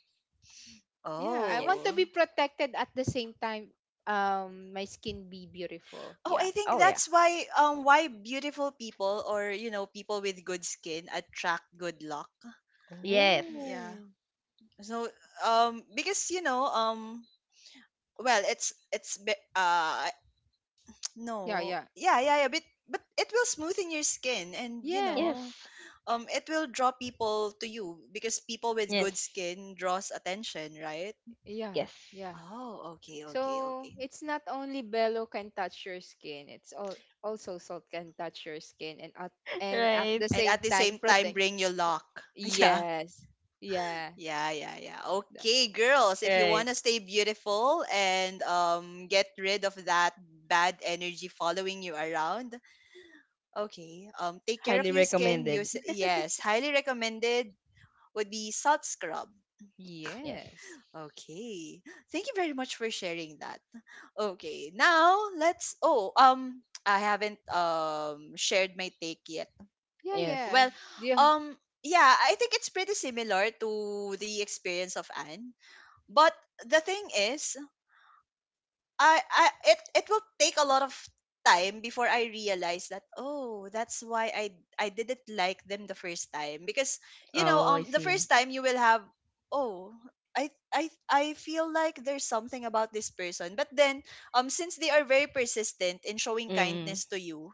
S2: Yeah, I
S3: Yes.
S2: want to
S1: Oh.
S2: be protected at the same time. Um, my skin be beautiful.
S1: Oh,
S2: Yeah.
S1: I think
S3: Oh yeah.
S1: that's why um why beautiful people, or you know, people with good skin attract good luck.
S3: Yes.
S1: Yeah.
S2: Oh.
S1: So um because you know um well it's it's be- uh
S2: yeah.
S1: no.
S2: Yeah.
S1: Yeah, yeah, yeah, but but it will smoothen your skin and, you
S2: Yeah.
S1: know,
S3: Yes.
S1: um it will draw people to you because people with good
S3: Yes.
S1: skin draws attention, right?
S2: Yeah.
S3: Yes.
S2: Yeah.
S1: Oh, okay, okay,
S2: So
S1: okay.
S2: it's not only bellow can touch your skin, it's all also salt can touch your skin and at and at
S3: Right.
S2: the
S1: And
S2: same
S1: at the
S2: time
S1: same time
S2: protect.
S1: bring your luck. Yeah.
S2: Yes. Yeah.
S1: Yeah, yeah, yeah.
S2: Tha-
S1: Okay, girls, if you
S3: Right.
S1: want to stay beautiful and um get rid of that bad energy following you around, okay. Um take care of
S3: Highly
S1: your skin.
S3: recommended.
S1: Use, yes, highly recommended would be salt scrub.
S3: Yes.
S2: Yes.
S1: Okay. Thank you very much for sharing that. Okay. Now let's oh um I haven't um shared my take yet.
S2: Yeah, yeah.
S1: Well,
S3: Yes.
S2: Yeah.
S1: um yeah, I think it's pretty similar to the experience of Anne. But the thing is, I I it it will take a lot of time before I realize that oh, that's why I I didn't like them the first time because, you know
S3: Oh, I
S1: um the
S3: see.
S1: first time you will have oh, I I I feel like there's something about this person, but then um since they are very persistent in showing
S3: Mm.
S1: kindness to you,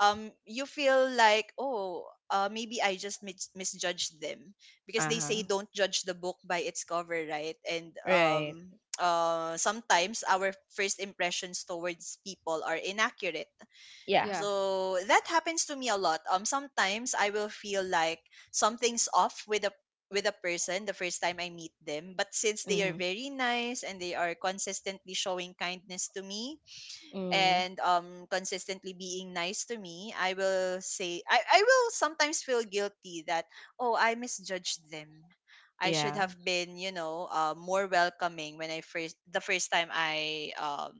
S1: um you feel like oh, uh, maybe I just mis- misjudged them because
S3: Uh
S1: they
S3: huh.
S1: say don't judge the book by its cover, right? And
S3: Right.
S1: um, uh, sometimes our first impressions towards people are inaccurate.
S3: Yeah.
S2: Yeah.
S1: So that happens to me a lot. Um, sometimes I will feel like something's off with a with a person the first time I meet them, but since they are
S3: Mhm.
S1: very nice and they are consistently showing kindness to me,
S3: Mm.
S1: and um consistently being nice to me, i will say i, I will sometimes feel guilty that oh, I misjudged them. I should
S3: Yeah.
S1: have been, you know, uh, more welcoming when I first the first time i um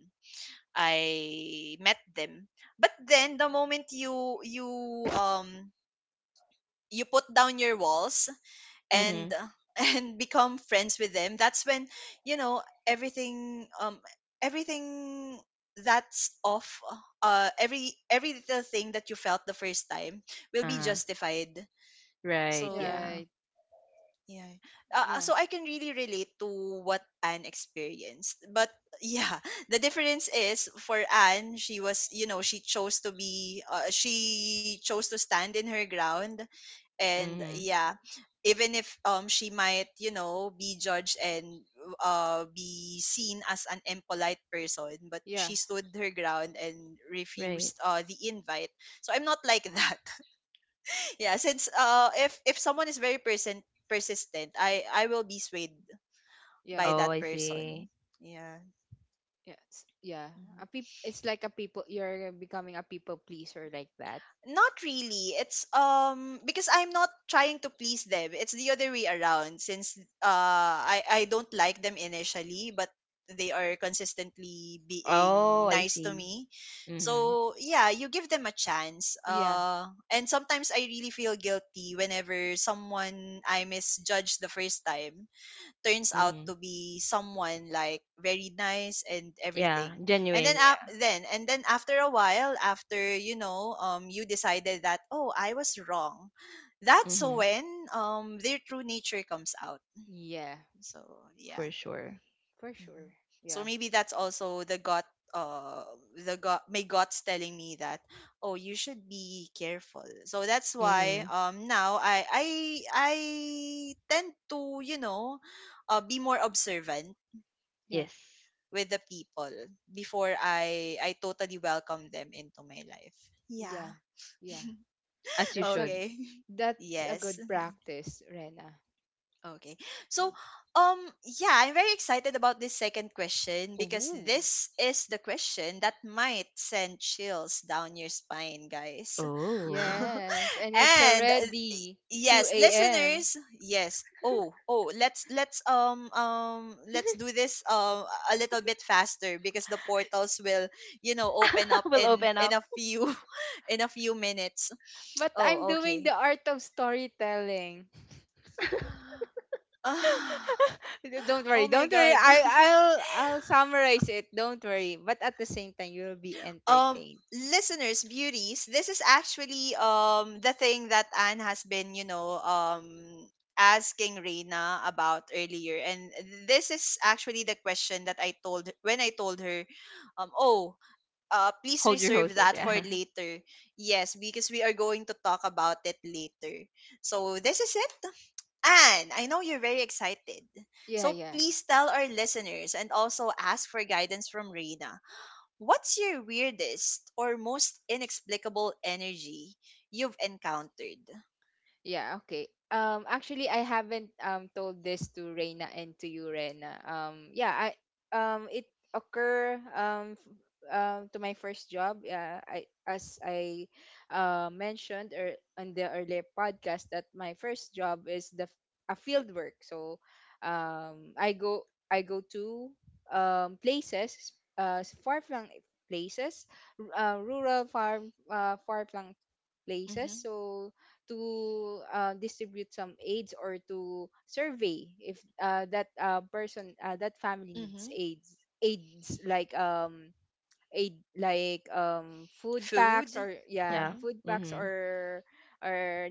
S1: i met them. But then the moment you you um you put down your walls, and
S3: Mhm.
S1: and become friends with them, that's when you know everything, um everything that's off, uh every every little thing that you felt the first time will be
S3: Uh-huh.
S1: justified.
S3: Right.
S1: So
S3: Yeah.
S2: Yeah.
S1: yeah, uh, uh,
S2: Yeah.
S1: so I can really relate to what Anne experienced. But yeah, the difference is for Anne, she was, you know, she chose to be uh, she chose to stand in her ground, and
S3: Mhm.
S1: yeah, even if um she might, you know, be judged and uh be seen as an impolite person, but she
S2: Yeah.
S1: stood her ground and
S3: Right.
S1: refused uh the invite. So I'm not like that. Yeah, since uh if if someone is very person persistent, i i will be swayed
S2: Yeah.
S1: by
S3: Oh,
S1: that
S3: I see.
S1: person. Yeah.
S2: Yes. Yeah.
S1: Mm-hmm.
S2: A peop- it's like a people, you're becoming a people pleaser, like that.
S1: Not really. It's um because I'm not trying to please them. It's the other way around since uh I I don't like them initially, but they are consistently
S3: Oh,
S1: being
S3: I
S1: nice to
S3: see.
S1: me.
S3: Mhm.
S1: So, yeah, you give them a chance.
S2: Yeah.
S1: Uh and sometimes I really feel guilty whenever someone I misjudge the first time turns out
S3: Mhm.
S1: to be someone like very nice and
S3: Yeah.
S1: everything. And then
S3: Genuine.
S1: uh,
S3: Yeah.
S1: then and then after a while, after, you know, um you decided that oh, I was wrong, that's
S3: Mhm.
S1: when um their true nature comes out.
S2: Yeah.
S1: So yeah.
S3: For sure.
S2: For sure.
S1: Mhm. So
S2: Yeah.
S1: maybe that's also the gut, uh the gut my gut's telling me that oh, you should be careful. So that's why,
S3: Mhm.
S1: um now i i i tend to, you know, uh, be more observant
S2: Yeah.
S3: Yes.
S1: with the people before I I totally welcome them into my life.
S2: Yeah,
S1: Yeah.
S2: yeah.
S3: As you
S2: That's a
S3: should.
S1: Okay.
S2: that's a
S1: Yes.
S2: good practice, Rena.
S1: Okay.
S2: Yeah.
S1: So, um, yeah, I'm very excited about this second question because
S2: Ooh.
S1: this is the question that might send chills down your spine, guys.
S3: Oh.
S2: Yes, and it's
S1: And uh,
S2: already
S1: yes,
S2: two a m
S1: listeners, yes. Oh, oh, let's let's um um let's do this um a little bit faster because the portals will, you know, open up
S3: We'll
S1: in
S3: open
S1: in
S3: up.
S1: a few in a few minutes.
S2: But I'm
S1: Oh,
S2: doing
S1: okay.
S2: the art of storytelling.
S1: Ah,
S2: D- don't
S1: oh
S2: worry,
S1: my
S2: don't worry.
S1: god.
S2: I I'll I'll summarize it. Don't worry. But at the same time, you'll be
S1: um
S2: entertained.
S1: Listeners, beauties, this is actually um the thing that Anne has been, you know, um asking Reina about earlier. And this is actually the question that I told when I told her um oh uh please
S3: Hold your
S1: reserve
S3: hoses.
S1: that for
S3: Yeah.
S1: later. Yes, because we are going to talk about it later. So this is it. Anne, I know you're very excited,
S2: Yeah,
S1: so
S2: yeah.
S1: please tell our listeners and also ask for guidance from Reina. What's your weirdest or most inexplicable energy you've encountered?
S2: Yeah, okay. Um, actually, I haven't um told this to Reina and to you, Reina. Um, yeah, I um it occur um f- um to my first job. Yeah, I as I uh mentioned or on the earlier podcast that my first job is the f- a field work. So, um, I go I go to um places uh far flung places, r- uh, rural farm uh far flung places,
S1: Mm-hmm.
S2: so to uh, distribute some aids or to survey if uh, that uh, person uh, that family needs
S1: Mm-hmm.
S2: aids aids like um aid like um food packs,
S1: Food.
S2: or yeah,
S3: Yeah.
S1: Mm-hmm.
S2: food packs
S3: Mhm.
S2: or or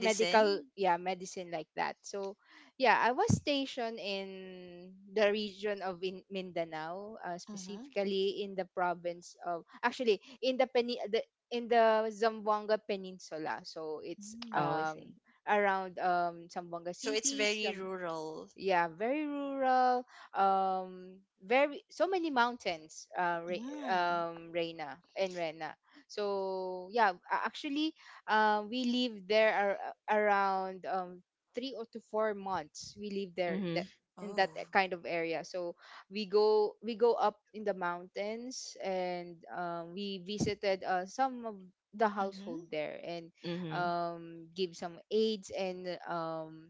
S2: medical, yeah, medicine, like that. So yeah, I was stationed in the region of, in Mindanao, uh,
S1: Mm-hmm.
S2: specifically in the province of, actually in the peni- the in the Zamboanga Peninsula, so it's
S3: Oh, I
S1: Mm.
S3: see.
S2: um around um Zamboanga
S1: So it's
S2: City.
S1: very rural.
S2: Yeah, very rural, um very, so many mountains, uh, Re,
S1: Mm.
S2: um Reina and Rena. So yeah, a- actually, uh, we live there ar- around um three or to four months we live there, that
S3: Mhm.
S2: in that
S1: Oh.
S2: kind of area. So we go, we go up in the mountains, and um, we visited uh, some of the household
S1: Mm-hmm.
S2: there, and
S3: Mhm.
S2: um, give some aids, and um,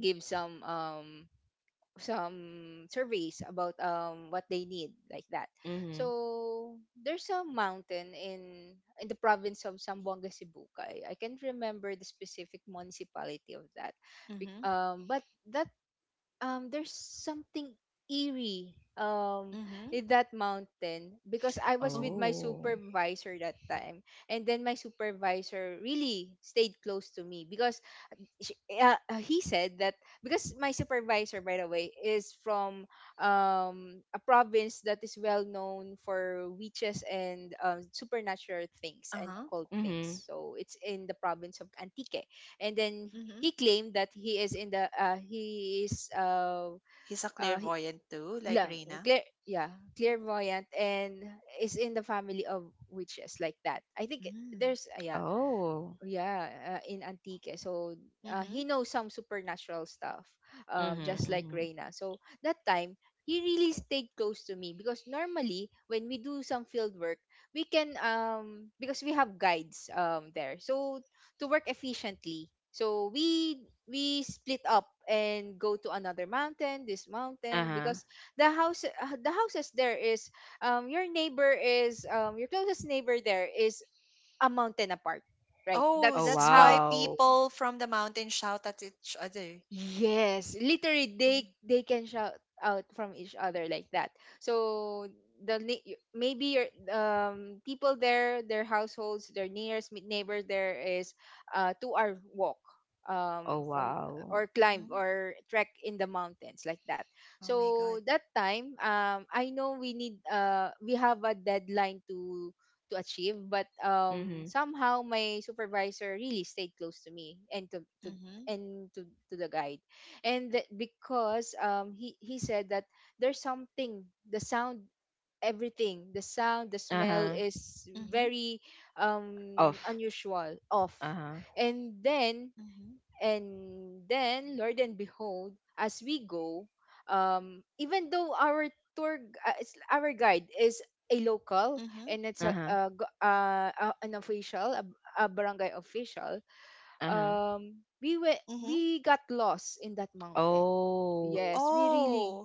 S2: give some um, some surveys about um what they need, like that.
S3: Mhm.
S2: So there's a mountain in in the province of Zamboanga Sibuca. I, I can't remember the specific municipality of that. Bec-
S1: Mm-hmm.
S2: um but that um there's something eerie um
S1: Mm-hmm.
S2: in that mountain, because I was with
S1: Oh.
S2: my
S3: Oh.
S2: supervisor that time, and then my supervisor really stayed close to me because she, uh, uh, he said that, because my supervisor, by the way, is from um a province that is well known for witches and um, supernatural things and
S1: Uh-huh.
S2: occult things.
S3: Mhm.
S2: So it's in the province of Antique. And then
S1: Mm-hmm.
S2: he claimed that he is in the, uh, he is uh,
S1: He's a
S2: uh he,
S1: clairvoyant too, like
S2: la,
S1: Reina.
S2: clear, yeah clairvoyant and is in the family of witches, like that, I think.
S1: Mm.
S2: There's uh, yeah
S3: Oh.
S2: yeah uh, in Antique, eh. So uh, he
S1: Mm-hmm.
S2: knows some supernatural stuff, um
S3: Mhm.
S1: Mm-hmm.
S2: just like
S3: Mhm.
S2: Reyna. So that time he really stayed close to me because normally when we do some field work we can, um because we have guides um there, so to work efficiently, so we we split up and go to another mountain. This
S3: Uh
S2: mountain,
S3: huh.
S2: because the house uh, the houses there is, um your neighbor is, um your closest neighbor there is a mountain apart, right?
S1: Oh,
S3: Oh
S2: That's
S1: that's why
S2: how.
S3: wow.
S1: people from the mountain shout at each other.
S2: Yes, literally
S1: Mm-hmm.
S2: they they can shout out from each other like that. So the ne- y- maybe your um people there, their households, their nearest me- neighbor there is uh two hour walk
S3: Oh
S2: um from,
S3: wow.
S2: or climb
S1: Mm-hmm.
S2: or trek in the mountains, like that.
S1: Oh my
S2: So
S1: god.
S2: that time, um I know we need, uh we have a deadline to to achieve, but um
S3: Mhm.
S2: somehow my supervisor really stayed close to me and to, to
S1: Mhm.
S2: and to, to the guide, and that because um he he said that there's something, the sound, everything, the sound, the smell
S3: Uh-huh.
S2: is
S1: Mhm.
S2: very um
S3: Off.
S2: unusual, off.
S3: Uh-huh.
S2: And then
S1: Mhm.
S2: and then lord and behold, as we go, um even though our tour gu- uh, it's- our guide is a local
S1: Mhm.
S2: and it's a,
S3: Uh-huh.
S2: uh, go- uh, uh, an official, a, a barangay official,
S3: Uh-huh.
S2: um we
S1: Mhm.
S2: went, we got lost in that mountain.
S3: Oh.
S2: Yes, we really
S1: Oh.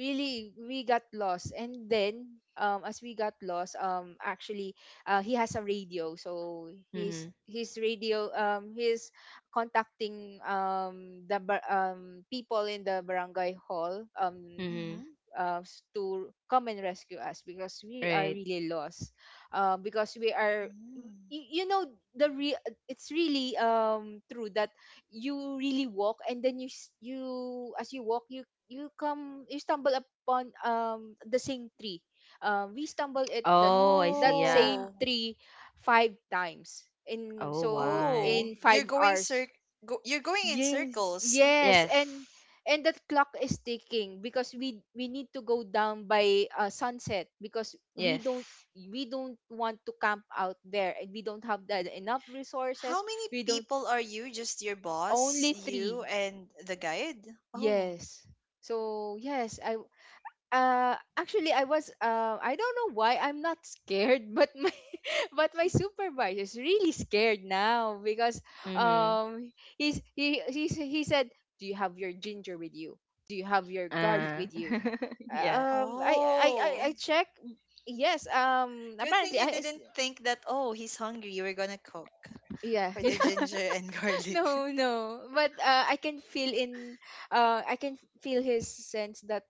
S2: really we got lost. And then um as we got lost, um actually uh he has a radio, so his
S3: Mhm.
S2: his radio, um he's contacting um the bar- um people in the barangay hall, um
S3: Mhm.
S1: Mhm.
S2: uh, s- to come and rescue us because we are
S3: Right.
S2: really lost, um, because we are,
S1: Mm.
S2: you, you know the re- it's really um true that you really walk and then you s- you, as you walk, you you come, you stumble upon um the same tree. Um we stumbled at that
S3: Oh, I
S2: that
S3: see. Yeah.
S2: same
S1: Oh.
S2: tree five times, in
S3: Oh,
S2: so
S1: Oh.
S2: in
S3: why?
S1: You're
S2: five
S1: going
S2: hours
S1: cir- go- you're going in
S2: Yes,
S1: circles.
S2: yes, and
S3: Yes.
S2: and that clock is ticking because we we need to go down by uh, sunset, because we don't,
S3: Yes.
S2: we don't want to camp out there and we don't have that enough resources.
S1: How many
S2: We don't,
S1: people are you? Just your boss,
S2: only
S1: you,
S2: three.
S1: and the guide? Oh.
S2: Yes. So yes, I, uh actually I was, uh I don't know why I'm not scared, but my but my supervisor is really scared now because
S3: Mhm.
S2: um he's he he s- he said, do you have your ginger with you? Do you have your garlic
S3: Uh.
S2: with you? Uh,
S3: Yeah.
S2: um I I I,
S1: Oh.
S2: I check. Yes, um
S1: Good thing
S2: apparently
S1: you
S2: I it's-
S1: didn't think that oh, he's hungry. You were going to cook
S2: yeah,
S1: for the
S2: yeah.
S1: ginger and garlic.
S2: No, no, but uh, I can feel in uh I can feel his sense that,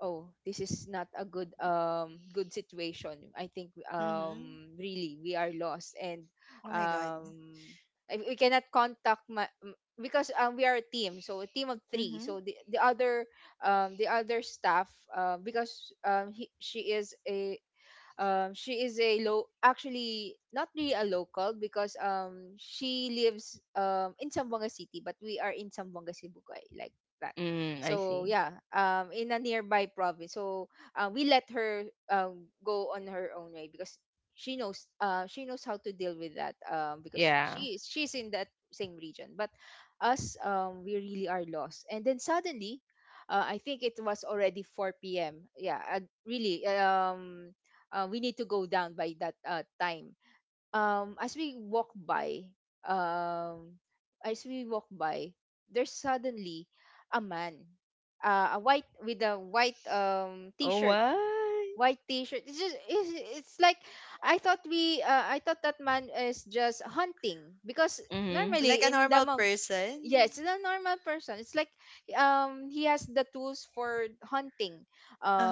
S2: oh, this is not a good um good situation. I think
S1: Mhm.
S2: um really we are lost. And
S1: Oh my god.
S2: um I- we cannot contact my m- because um we are a team, so a team of three. So
S1: Mhm.
S2: the, the other um the other staff, uh, because um he, she is a, um, she is a low, actually not really a local because um she lives um in Zamboanga City, but we are in Zamboanga Sibugay, like that.
S3: Mm, I
S2: So
S3: see.
S2: yeah, um in a nearby province. So uh, we let her um go on her own way because she knows, uh she knows how to deal with that um because
S3: Yeah.
S2: she she is she's in that same region. But us, um we really are lost. And then suddenly, uh, I think it was already four p m. Yeah, uh, really. Um, uh, we need to go down by that uh, time. Um, as we walk by, um, as we walk by, there's suddenly a man, uh, a white with a white um
S3: Oh,
S2: t-shirt,
S3: why?
S2: white t-shirt. It's just it's, it's like I thought we uh, I thought that man is just hunting because
S3: Mhm.
S1: Like
S2: normally
S1: a
S2: in the...
S1: normal person.
S2: Yes, it's a normal person. It's like um he has the tools for hunting.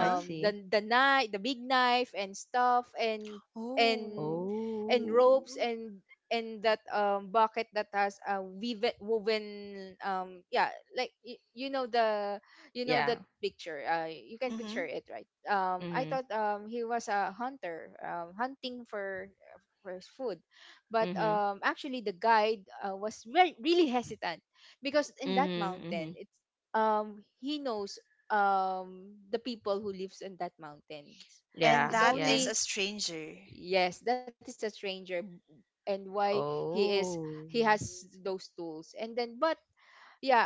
S3: I
S2: the
S3: see.
S2: the knife, the big knife and stuff, and and
S1: Oh.
S2: and
S3: Oh.
S2: ropes, and and that um bucket that has a weave woven, um yeah, like y- you know the... you know that
S3: Yeah.
S2: picture. Uh you can
S1: Mm-hmm.
S2: picture it, right? Um I
S3: Mhm.
S2: thought um he was a hunter, um hunting for for his food. But
S3: Mhm.
S2: um actually the guide, uh, was very really hesitant because in that
S3: Mhm.
S2: mountain
S3: Mhm.
S2: it's, um he knows um the people who lives in that mountain.
S1: And
S3: Yeah.
S2: It's
S1: that
S3: Yeah.
S1: is a
S2: only...
S1: stranger.
S2: yes, that is a stranger. B- and why he is, he
S3: Oh.
S2: has those tools, and then. But yeah,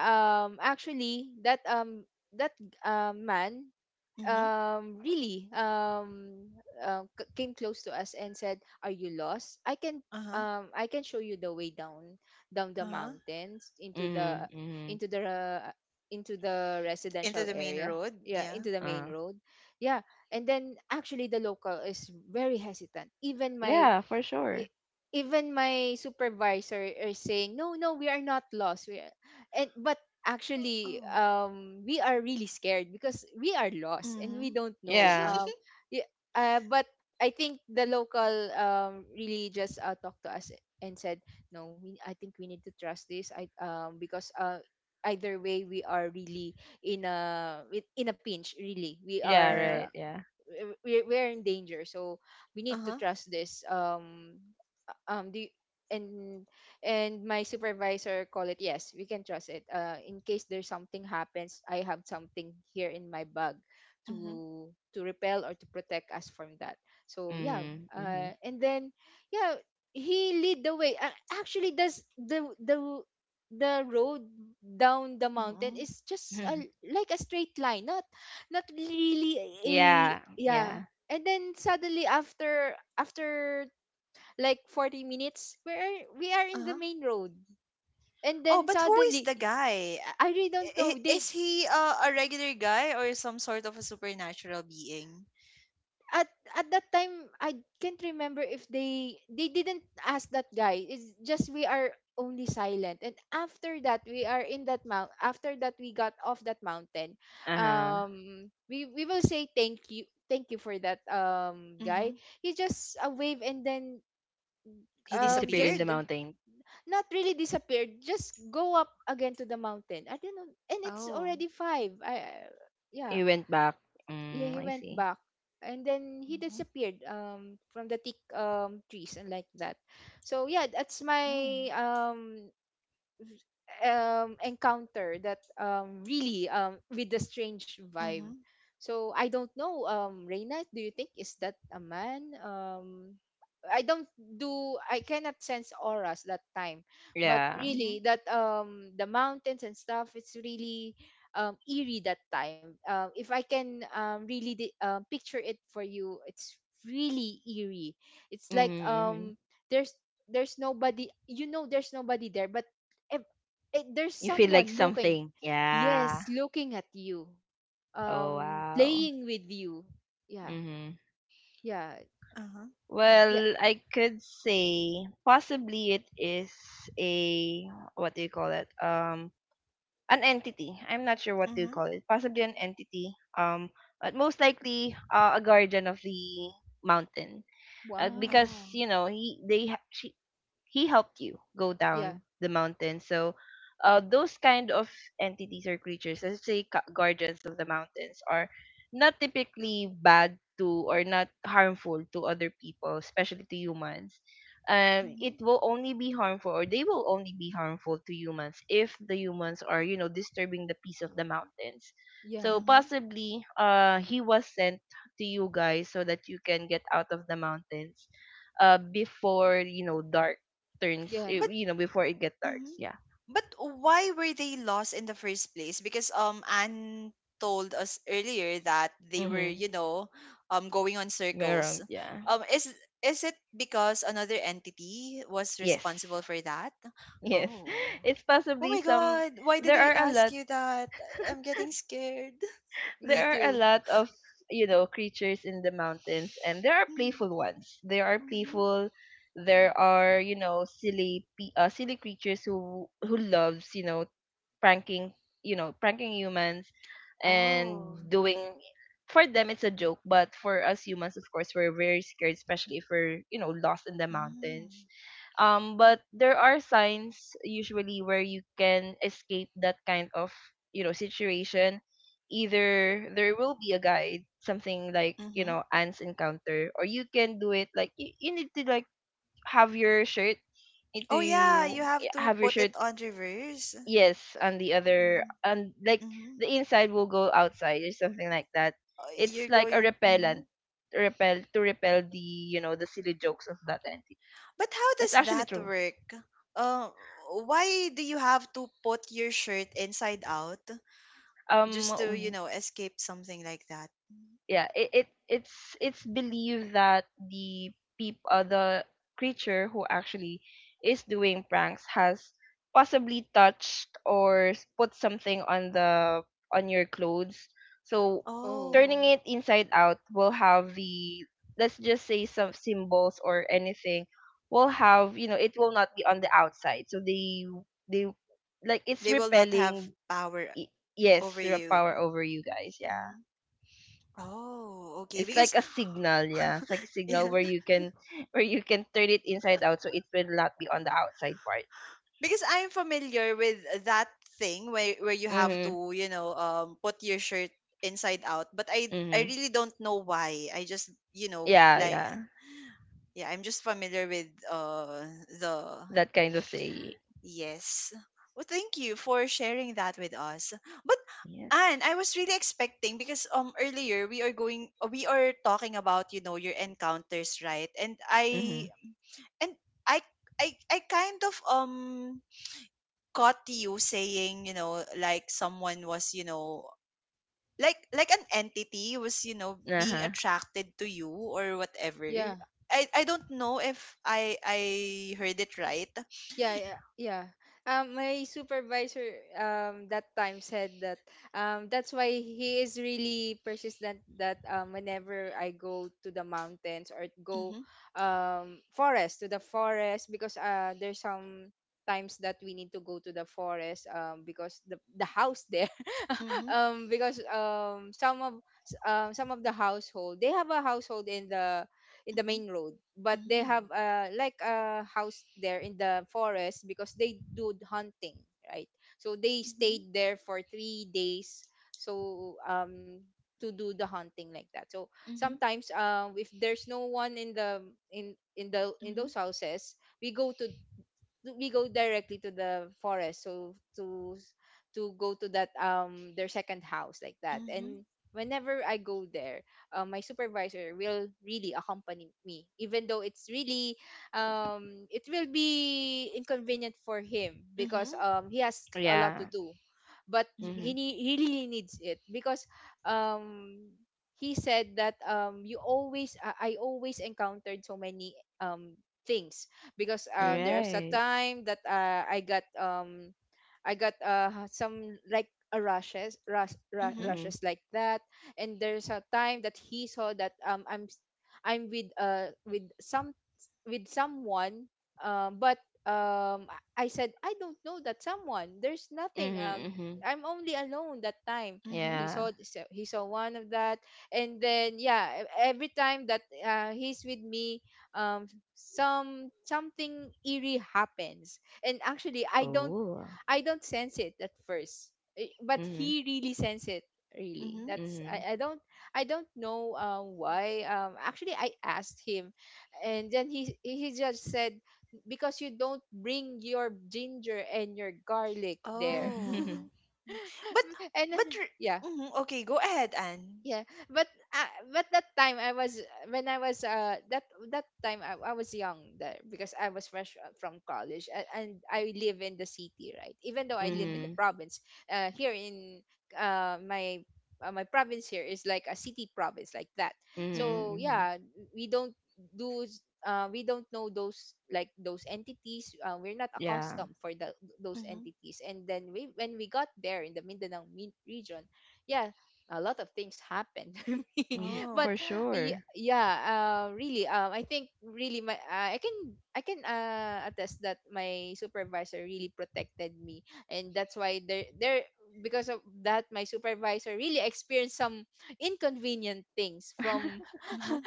S2: um actually that, um that um man,
S1: Mm-hmm.
S2: um really um uh, c- came close to us and said, are you lost? I can,
S1: Uh-huh.
S2: um i can show you the way down, down the
S1: Uh-huh.
S2: mountains, into the,
S3: Mhm. Mhm.
S2: into the uh, into the
S1: Into
S2: residential
S1: the main
S2: area.
S1: road.
S2: Yeah,
S1: Yeah.
S2: into the main
S3: Uh.
S2: road. Yeah. And then actually the local is very hesitant, even my
S3: Yeah, for
S2: e-
S3: sure.
S2: even my supervisor are saying, no, no, we are not lost, we are... and but actually,
S1: Oh.
S2: um we are really scared because we are lost and we
S1: Mm-hmm.
S2: don't know.
S3: Yeah.
S2: Um yeah, uh, but I think the local um really just uh, talked to us and said, no, we, I think we need to trust this. I um Because uh either way, we are really in a with- in a pinch, really we
S3: Yeah,
S1: Mm-hmm.
S2: are,
S3: right. Yeah.
S2: we we're in danger. So we need to
S1: Uh-huh.
S2: trust this. um um do you- and and my supervisor call it, yes, we can trust it. Uh in case there's something happens, I have something here in my bag
S1: Mm-hmm.
S2: to to repel or to protect us from that. So yeah,
S3: Mhm.
S2: uh
S3: Mhm.
S2: and then, yeah, he lead the way. A- actually, does the the the road down the mountain
S1: Mm-hmm.
S2: is just a, like a straight line, not not really a...
S3: Yeah.
S2: yeah.
S3: Yeah.
S2: And then suddenly, after after like forty minutes, we are we are in the
S1: Uh-huh.
S2: main road. And
S1: Oh,
S2: then
S1: but who is
S2: suddenly,
S1: the guy?
S2: I really
S1: Uh,
S2: don't know.
S1: i-
S2: They,
S1: Is he uh, a regular guy or some sort of a supernatural being?
S2: at at that time, I can't remember if they they didn't ask that guy. It's just we are only silent, and after that we are in that mount after that we got off that mountain.
S3: Uh-huh.
S2: Um we we will say thank you, thank you for that um guy.
S1: Mm-hmm.
S2: He just a wave, and then,
S1: He
S2: um
S3: Disappeared in
S2: just,
S3: the
S1: disappeared?
S3: mountain.
S2: not really disappeared, just go up again to the mountain, I don't know. And it's
S1: Oh.
S2: already five. I I- yeah.
S3: He went back.
S2: Yeah,
S3: Mm,
S2: he
S3: I
S2: went
S3: see.
S2: back, and then he
S1: Mm-hmm.
S2: disappeared um from the thick um trees and like that. So yeah, that's my,
S1: Oh.
S2: um um encounter that, um really, um with the strange vibe.
S1: Mm-hmm.
S2: So I don't know, um Reina, do you think is that a man? Um i don't do i cannot sense auras that time. But
S3: Yeah.
S1: Mm-hmm.
S2: really that, um the mountains and stuff, it's really um eerie that time, um if I can um really, di- um, picture it for you, it's really eerie. It's
S3: Mhm.
S2: like,
S3: mhm.
S2: um there's there's nobody, you know there's nobody there, but it, there's
S3: You feel like
S2: someone looking.
S3: something.
S2: Yes,
S3: Yeah.
S2: looking at you,
S3: Oh,
S2: um
S3: wow.
S2: playing with you. Yeah.
S3: Mhm.
S2: Yeah.
S1: Uh-huh.
S2: Yeah.
S3: Well, I could say possibly it is a what do you call it? Um an entity. I'm not sure what to
S1: Mm-hmm.
S3: call it. Possibly an entity. Um, but most likely uh, a guardian of the mountain, uh,
S2: Wow.
S3: because
S1: Oh.
S3: you know he they ha- she, he helped you go
S2: Yeah.
S3: down the mountain. So, uh, those kind of entities or creatures, let's say gu- guardians of the mountains, are not typically bad to or not harmful to other people, especially to humans. Um, it will only be harmful, or they will only be harmful to humans if the humans are, you know, disturbing the peace of the mountains.
S2: Yeah.
S3: So
S1: Mm-hmm.
S3: possibly, uh, he was sent to you guys so that you can get out of the mountains uh before you know dark turns,
S2: Yeah.
S3: eh,
S1: But
S3: you know, before it gets dark.
S1: mhm,
S3: Yeah.
S1: but why were they lost in the first place? Because um Anne told us earlier that they were,
S3: Mm-hmm.
S1: you know, um going on circles.
S3: Around, yeah.
S1: Um is is it because another entity was
S3: Yes.
S1: responsible for that?
S3: Yes.
S1: Oh.
S3: It's
S1: Oh
S3: possibly
S1: my
S3: some.
S1: god, why did
S3: There
S1: I
S3: are a
S1: ask
S3: lot.
S1: you that? I- I'm getting scared.
S2: Me
S3: There are a
S2: too.
S3: lot of you know creatures in the mountains, and there are playful ones. There are
S1: Mm-hmm.
S3: playful. There are you know silly, pe- uh, silly creatures who who loves you know pranking, you know, pranking humans,
S1: Oh.
S3: and doing, for them it's a joke, but for us humans, of course, we're very scared, especially if we're, you know, lost in the mountains. Um, but there are signs usually where you can escape that kind of, you know, situation. Either there will be a guide, something like, you
S1: Mm-hmm.
S3: know, ants encounter, or you can do it like you, you need to like have your shirt need
S1: Oh yeah, you
S3: to
S1: have to
S3: have your
S1: put
S3: shirt
S1: it on reverse.
S3: Yes, and the other, and like
S1: Mm-hmm.
S3: the inside will go outside or something like that. It's
S1: You're
S3: like a
S1: going hmm,
S3: repellent. Repel to repel the you know the silly jokes of that entity.
S1: but how
S3: That's
S1: does
S3: actually
S1: that
S3: true.
S1: work? uh, why do you have to put your shirt inside out just to, you
S3: um
S1: know, escape something like that?
S3: yeah, it, it it's it's believed that the peop uh, the creature who actually is doing pranks has possibly touched or s- put something on the on your clothes, so
S2: Oh,
S3: turning
S1: Oh,
S3: it inside out will have the let's just say some symbols or anything, will have you know it will not be on the outside, so they they like it's
S1: they will not have
S3: repelling.
S1: power
S3: y- yes,
S1: over
S3: the
S1: you.
S3: power over you guys, yeah.
S1: Mhm. Oh, okay,
S3: It's like
S1: because
S3: a signal, yeah. It's like a signal
S1: yeah,
S3: where you can where you can turn it inside out so it will not be on the outside part.
S1: because I'm familiar with that thing where where you have
S3: Mhm.
S1: to, you know, um put your shirt inside out, but i i
S3: Mhm.
S1: really don't know why. I just, you know,
S3: Yeah,
S1: blind,
S3: yeah.
S1: yeah, I'm just familiar with uh the,
S3: That kind of saying.
S1: yes. Well, thank you for sharing that with us. But
S3: Yes.
S1: Anne, I was really expecting because um earlier we are going uh, we are talking about, you know, your encounters, right? And i
S3: Mhm.
S1: and i i, I kind of um caught you saying, you know, like someone was, you know, like like an entity was, you know, being
S3: Uh-huh.
S1: attracted to you or whatever.
S2: yeah.
S1: I i don't know if i i heard it right.
S2: Yeah, yeah, yeah. Um, my supervisor, um that time said that, um that's why he is really persistent that um whenever I go to the mountains or go,
S1: Mhm.
S2: um forest to the forest, because uh there's some times that we need to go to the forest um because the the house there
S1: Mhm.
S2: um because um some of s- um some of the household, they have a household in the in the
S1: Mhm.
S2: main road, but they have, uh like a house there in the forest because they do hunting, right? So they
S1: Mhm.
S2: stayed there for three days. So, um to do the hunting, like that. So
S1: Mhm.
S2: sometimes, um if there's no one in the, in in the in
S1: Mhm.
S2: those houses we go to, we go directly to the forest, so to to go to that, um their second house, like that.
S1: Mhm.
S2: And whenever I go there, um, my supervisor will really accompany me, even though it's really, um it will be inconvenient for him because
S1: Mhm.
S2: um he has a lot to
S3: Yeah.
S2: do. But
S1: Mhm.
S3: Mhm.
S2: he nee- he really needs it because, um he said that, um you always, i I always encountered so many, um things, because uh,
S1: Mhm.
S2: there's a
S3: Right.
S2: time that, uh, I got, um I got uh some like a rushes rush,
S1: Mhm.
S2: rush
S1: Mhm.
S3: Mhm.
S2: rushes, like that. And there's a time that he saw that, um I'm s- I'm with, uh with some with someone, um but, um i I said, I don't know that someone, there's nothing. um
S3: Mhm. Mhm.
S2: I'm only alone that time.
S1: Mhm.
S2: He
S3: Yeah.
S2: saw so he saw one of that, and then, yeah, e- every time that, uh, he's with me, um some something eerie happens. And actually, i don't
S3: Oh.
S2: I don't sense it at first, eh, but
S3: Mhm.
S2: he really sense it. Really,
S1: Mhm.
S2: that's,
S3: Mhm.
S2: I, I don't, I don't know, um, why. Um, actually, I asked him, and then he he just said, because you don't bring your ginger and your garlic there.
S1: Oh,
S3: mhm.
S1: but
S2: And, uh,
S1: but re-
S2: yeah,
S1: mhm, okay, go ahead Anne.
S2: yeah, but, uh, but that time I was when I was, uh that that time, I, I was young there because I was fresh, uh, from college, and, and I live in the city, right? Even though I live in
S1: Mhm.
S2: the
S3: Mhm.
S2: province, uh here in, uh my uh, my province here is like a city province, like that.
S1: Mhm.
S2: So
S3: Mhm.
S2: yeah, we don't do s- uh we don't know those, like those entities. Uh, we're not
S3: Yeah.
S2: accustomed for the, those
S1: Mhm.
S2: entities. And then we when we got there in the Mindanao min- region. Yeah. A lot of things happened to me.
S3: Mhm.
S2: But
S1: Oh.
S3: For
S2: y-
S3: sure.
S2: yeah, uh, really um, I think really my, uh, i can I can, uh, attest that my supervisor really protected me, and that's why there, there because of that, my supervisor really experienced some inconvenient things from
S1: Mhm.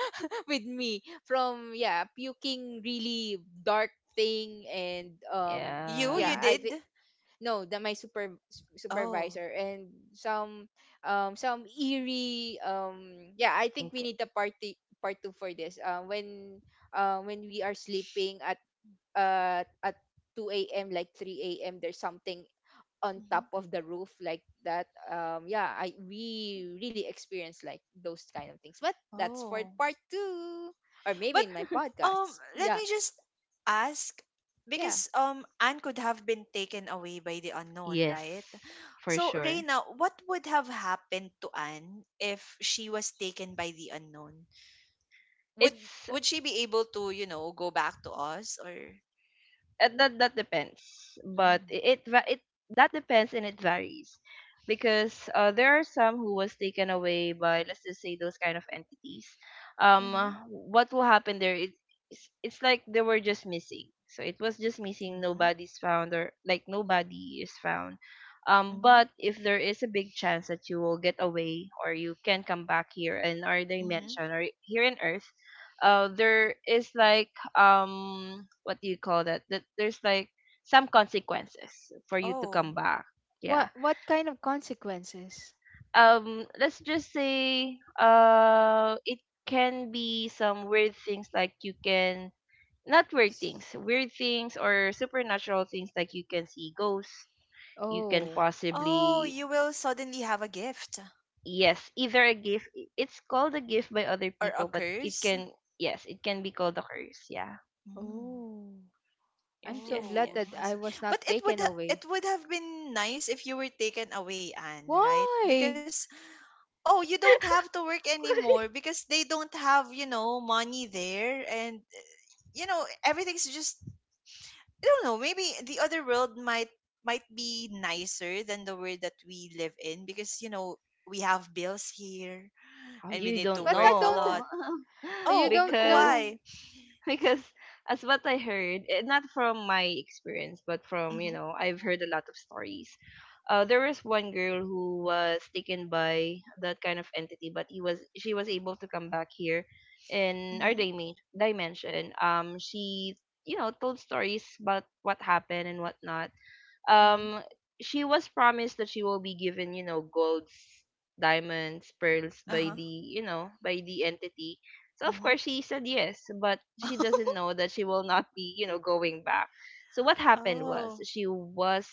S2: with me, from, yeah, puking really dark thing, and um
S1: you
S2: y- yeah,
S1: you
S3: yeah.
S2: i
S1: did.
S2: thi- no, the, my super
S1: Oh.
S2: supervisor, and some, um some eerie, um yeah, I think we
S3: Inc-
S2: need the, party part two for this, uh, when, uh, when we are sleeping at, uh at two a m, like three a m, there's something on
S1: Mhm.
S2: top of the roof, like that. Um yeah, I we really experience like those kind of things. But that's for
S1: Oh.
S2: part two, or maybe
S1: But
S2: in my
S1: um,
S2: podcast.
S1: let
S2: Yeah.
S1: me just ask
S2: Yeah.
S1: because um, Anne could have been taken away by the unknown, right?
S3: Yes. For
S1: So
S3: sure.
S1: Reina, what would have happened to Anne if she was taken by the unknown? Would
S3: it's
S1: would she be able to, you know, go back to us, or?
S3: uh, that that depends, but
S1: Mm-hmm.
S3: it, it va- it that depends and it varies, because uh, there are some who was taken away by, let's just say, those kind of entities. um
S1: Mm-hmm.
S3: what will happen there, it, it's, it's like they were just missing, so it was just missing, nobody's found, or like nobody is found. um
S1: Mm-hmm.
S3: but if there is a big chance that you will get away or you can come back here in our
S1: Mm-hmm.
S3: dimension or here in earth uh there is like, um what do you call that, that there's like some consequences for you to come
S1: Oh.
S3: back. Yeah.
S2: What what kind of consequences?
S3: Um let's just say, uh it can be some weird things, like you can, not weird things, weird things or supernatural things, like you can see ghosts. You can
S2: Oh.
S1: Oh,
S3: possibly,
S1: you will suddenly have a gift
S3: yes, either a gift. It's called a gift by other
S1: or a
S3: people, but it
S1: curse.
S3: can, yes, it can be called a curse. Yeah.
S1: Mm.
S2: Oh,
S3: Yes,
S2: I'm so
S3: yes,
S2: glad
S1: Oh,
S3: yes.
S2: that
S1: I
S2: I
S1: see.
S2: was
S1: But
S2: not
S1: it would
S2: taken
S1: ha- it
S2: away.
S1: would have been nice if you were taken away, Anne, right?
S2: Why?
S1: Because oh, you don't have to work anymore because they don't have, you know, money there, and you know, everything's just, I don't know, maybe the other world might might be nicer than the world that we live in because, you know, we have bills here,
S3: Oh,
S1: and we
S3: you
S1: need to
S3: don't
S2: But I
S1: work a
S2: don't.
S3: know.
S1: lot.
S2: You
S1: Oh, b-
S2: don't
S3: because
S2: know.
S1: why?
S3: because as what I heard, eh, not from my experience, but from, you
S1: Mhm.
S3: know, I've heard a lot of stories. Uh, there was one girl who was taken by that kind of entity, but he was she was able to come back here in our
S1: Mhm.
S3: dime- dimension. Um, she you know told stories about what happened and whatnot.
S1: Mhm.
S3: um she was promised that she will be given, you know, golds, diamonds, pearls by
S1: Uh-huh.
S3: the you know by the entity, so of course
S1: Mhm.
S3: she said yes, but she doesn't know that she will not be you know going back. So what happened was,
S1: Oh.
S3: she was,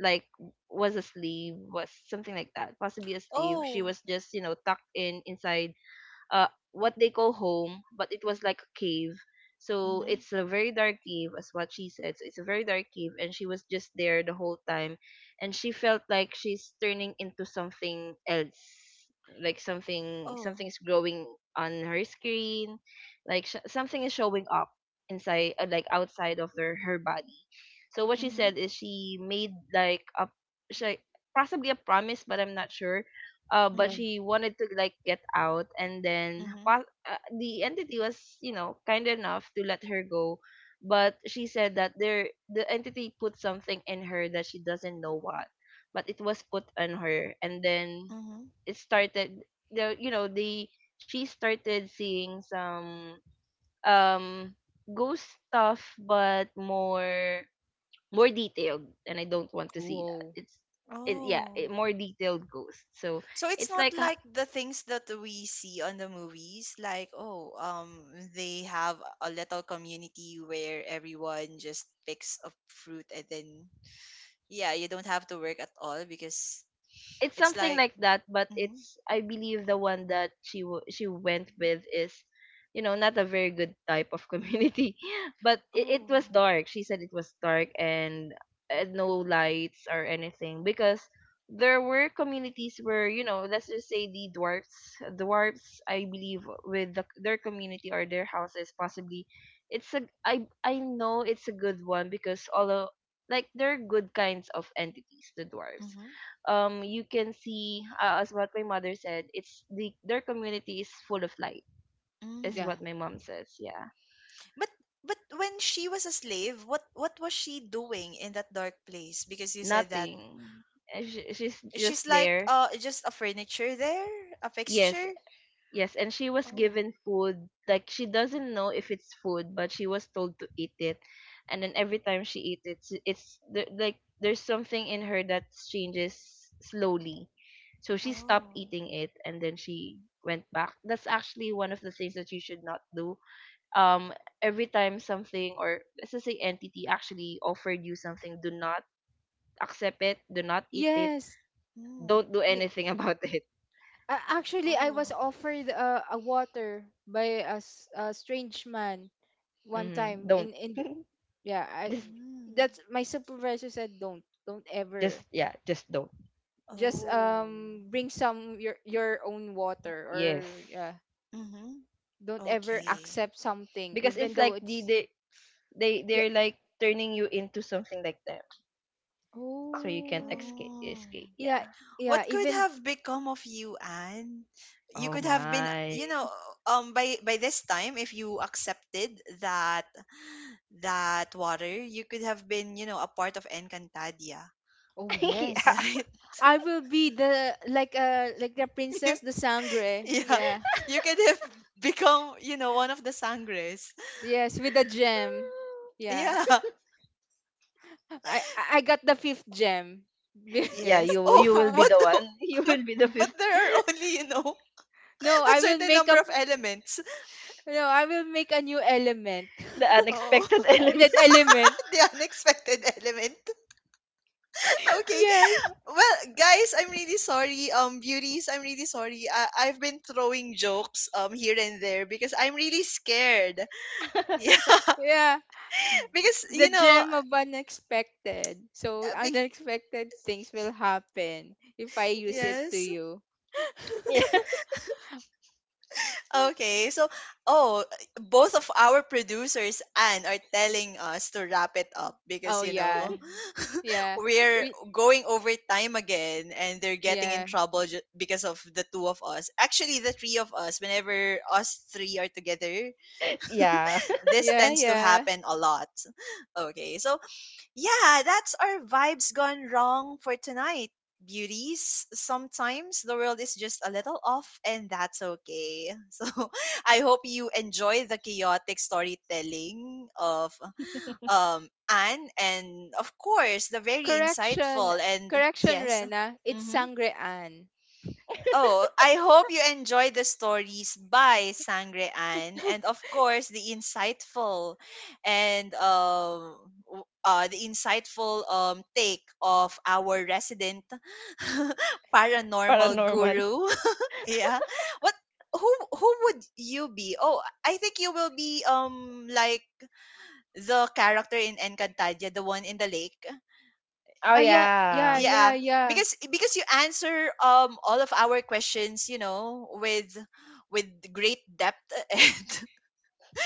S3: like, was a slave, was something like that, possibly a slave. She
S1: Oh.
S3: was just you know tucked in inside uh what they call home, but it was like a cave. So
S1: Mhm.
S3: it's a very dark cave, as what she said. So it's a very dark cave, and she was just there the whole time, and she felt like she's turning into something else, like something something
S1: Oh.
S3: is growing on her screen, like sh- something is showing up inside, uh, like outside of her her body. So what she
S1: Mhm.
S3: said is she made like a, she, possibly a promise, but I'm not sure, uh, but
S2: Yeah.
S1: Mhm.
S3: she wanted to like get out, and then
S1: Mhm.
S3: pa- uh, the entity was you know kind enough to let her go. But she said that there the entity put something in her that she doesn't know what, but it was put on her, and then
S1: Mhm.
S3: it started the you know the she started seeing some, um ghost stuff, but more more detailed, and I don't want to see that.
S2: Whoa.
S3: It's it, yeah it,
S1: Oh.
S3: More detailed ghosts. So
S1: So it's
S3: it's
S1: not
S3: like,
S1: like the things that we see on the movies, like oh, um, they have a little community where everyone just picks a fruit and then, yeah, you don't have to work at all because
S3: it's
S1: it's
S3: something
S1: like
S3: like that, but
S1: mhm.
S3: it's, I believe the one that she w- she went with is you know not a very good type of community. But it, it
S1: Oh.
S3: was dark, she said it was dark, and uh, no lights or anything, because there were communities where, you know, let's just say the dwarfs, dwarfs I believe with the, their community or their houses, possibly. It's a i i know it's a good one, because although like they're good kinds of entities, the dwarves,
S1: Mhm.
S3: um you can see, uh, as what my mother said, it's the their community is full of light, is
S2: Yeah.
S3: what
S1: Mm.
S3: my mom says, yeah.
S1: But but when she was a slave, what what was she doing in that dark place? Because you said that,
S3: Nothing. Uh, she, she's just
S1: she's like
S3: there.
S1: uh just a furniture there, a
S3: Yes,
S1: fixture.
S3: yes, and she was
S1: Oh,
S3: given food, like she doesn't know if it's food, but she was told to eat it, and then every time she eats it, it's it's the- like there's something in her that changes slowly. So she stopped
S1: oh,
S3: eating it, and then she went back. That's actually one of the things that you should not do. um every time something, or let's just say entity, actually offered you something, do not accept it, do not eat it,
S2: Yes.
S1: mm,
S3: don't do
S2: Yeah.
S3: anything about it.
S2: Uh, actually, I was
S1: oh,
S2: offered, uh, a water by a, s- a strange man one
S3: Hmm
S2: time.
S3: don't.
S2: In in the- yeah. I
S3: just
S1: mm,
S2: That's, my supervisor said, don't, don't
S3: just
S2: ever,
S3: yeah, just don't.
S2: just,
S1: oh.
S2: um bring some, your, your own water,
S3: Yes,
S2: or yeah,
S1: Mm-hmm.
S2: don't ever
S1: Okay.
S3: yes,
S2: accept something,
S3: because
S2: even
S3: it's
S2: though
S3: like the
S2: it's...
S3: they they
S2: yeah.
S3: they're like turning you into something like that, so you can't
S2: Oh.
S3: escape
S1: Oh.
S3: escape
S2: Yeah,
S3: yeah.
S2: yeah,
S1: What could
S2: even.
S1: have become of you, Anne? You
S3: Oh
S1: could have been,
S3: my.
S1: you know, um by by this time if you accepted that that water, you could have been, you know, a part of Encantadia,
S2: Oh,
S3: Yeah,
S2: yes.
S1: right?
S2: I will be the, like uh like the princess, the sangre.
S1: Yeah,
S2: Yeah.
S1: you could have become, you know, one of the sangres.
S2: Yes, with the gem. Yeah.
S1: Yeah.
S2: I I I got the fifth gem.
S3: yeah,
S1: Yes.
S3: you will-
S1: Oh,
S3: you will be
S1: what
S3: the
S1: the,
S3: one. You
S1: but
S3: will be the
S1: but
S3: fifth.
S1: there are only, you know,
S2: no,
S1: a
S2: I will
S1: certain
S2: make
S1: number
S2: a
S1: of elements.
S2: No, I will make a new element.
S3: The
S1: Oh,
S3: unexpected element.
S2: That element.
S1: the unexpected element. Okay.
S2: Yes.
S1: Well, guys, I'm really sorry. Um, beauties, I'm really sorry. I I've been throwing jokes um here and there because I'm really scared. Yeah,
S2: Yeah.
S1: because
S2: The
S1: you know, uh,
S2: gem of unexpected. So
S1: bec-
S2: unexpected things will happen if I use it to
S1: yes.
S2: you.
S3: Yeah.
S1: Okay, so oh, both of our producers and are telling us to wrap it up because
S2: Oh
S1: you
S2: yeah.
S1: know
S2: Yeah.
S1: we're
S2: We,
S1: going over time again, and they're getting in
S2: yeah.
S1: trouble ju- because of the two of us. Actually, the three of us. Whenever us three are together,
S3: Yeah.
S1: this
S2: Yeah,
S1: tends to
S2: yeah.
S1: happen a lot. Okay, so yeah, that's our vibes gone wrong for tonight, beauties. Sometimes the world is just a little off, and that's okay. So I hope you enjoy the chaotic storytelling of um Anne, and of course the very
S2: Correction.
S1: insightful and,
S2: Correction,
S1: yes,
S2: Rena. It's
S1: mm-hmm.
S2: sangrean.
S1: Oh, I hope you enjoy the stories by Sangre Ann, and of course the insightful and um w- uh, the insightful um take of our resident paranormal
S3: Paranormal.
S1: guru. Yeah. What who who would you be? Oh, I think you will be um like the character in Encantadia, the one in the lake,
S3: Oh
S2: Oh, yeah. Yeah,
S3: yeah.
S1: yeah,
S2: yeah, yeah.
S1: because because you answer um all of our questions, you know, with with great depth and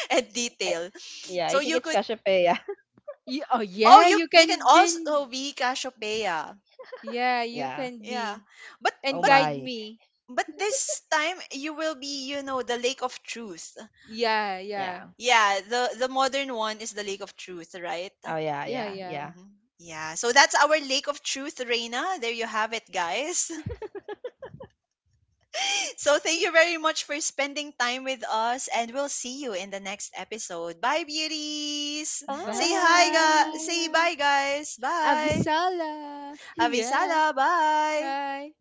S1: and
S3: I,
S1: detail,
S3: yeah,
S1: so
S3: I think
S1: you
S3: it's
S1: could
S3: Cassiopeia.
S2: You, oh,
S1: oh,
S2: yeah.
S1: you
S2: You
S1: you can
S2: can be.
S1: also be Cassiopeia.
S2: Yeah, you
S3: Yeah.
S2: can
S1: Yeah,
S2: be.
S1: but
S3: Oh
S2: And
S1: but
S2: guide
S3: my.
S2: me.
S1: but this time you will be, you know, the lake of truth.
S2: Yeah, yeah.
S3: Yeah.
S1: Yeah, the the modern one is the lake of truth, right?
S3: Oh yeah,
S2: Yeah,
S3: yeah,
S2: yeah.
S3: yeah.
S1: Hmm, yeah, so that's our lake of truth, Reina. There you have it, guys. So thank you very much for spending time with us, and we'll see you in the next episode. Bye, beauties. Say hi, guys.
S3: Bye.
S1: Say
S2: Bye.
S1: bye, guys. Bye.
S2: Avisala. yeah.
S1: Avisada. Bye.
S2: Bye.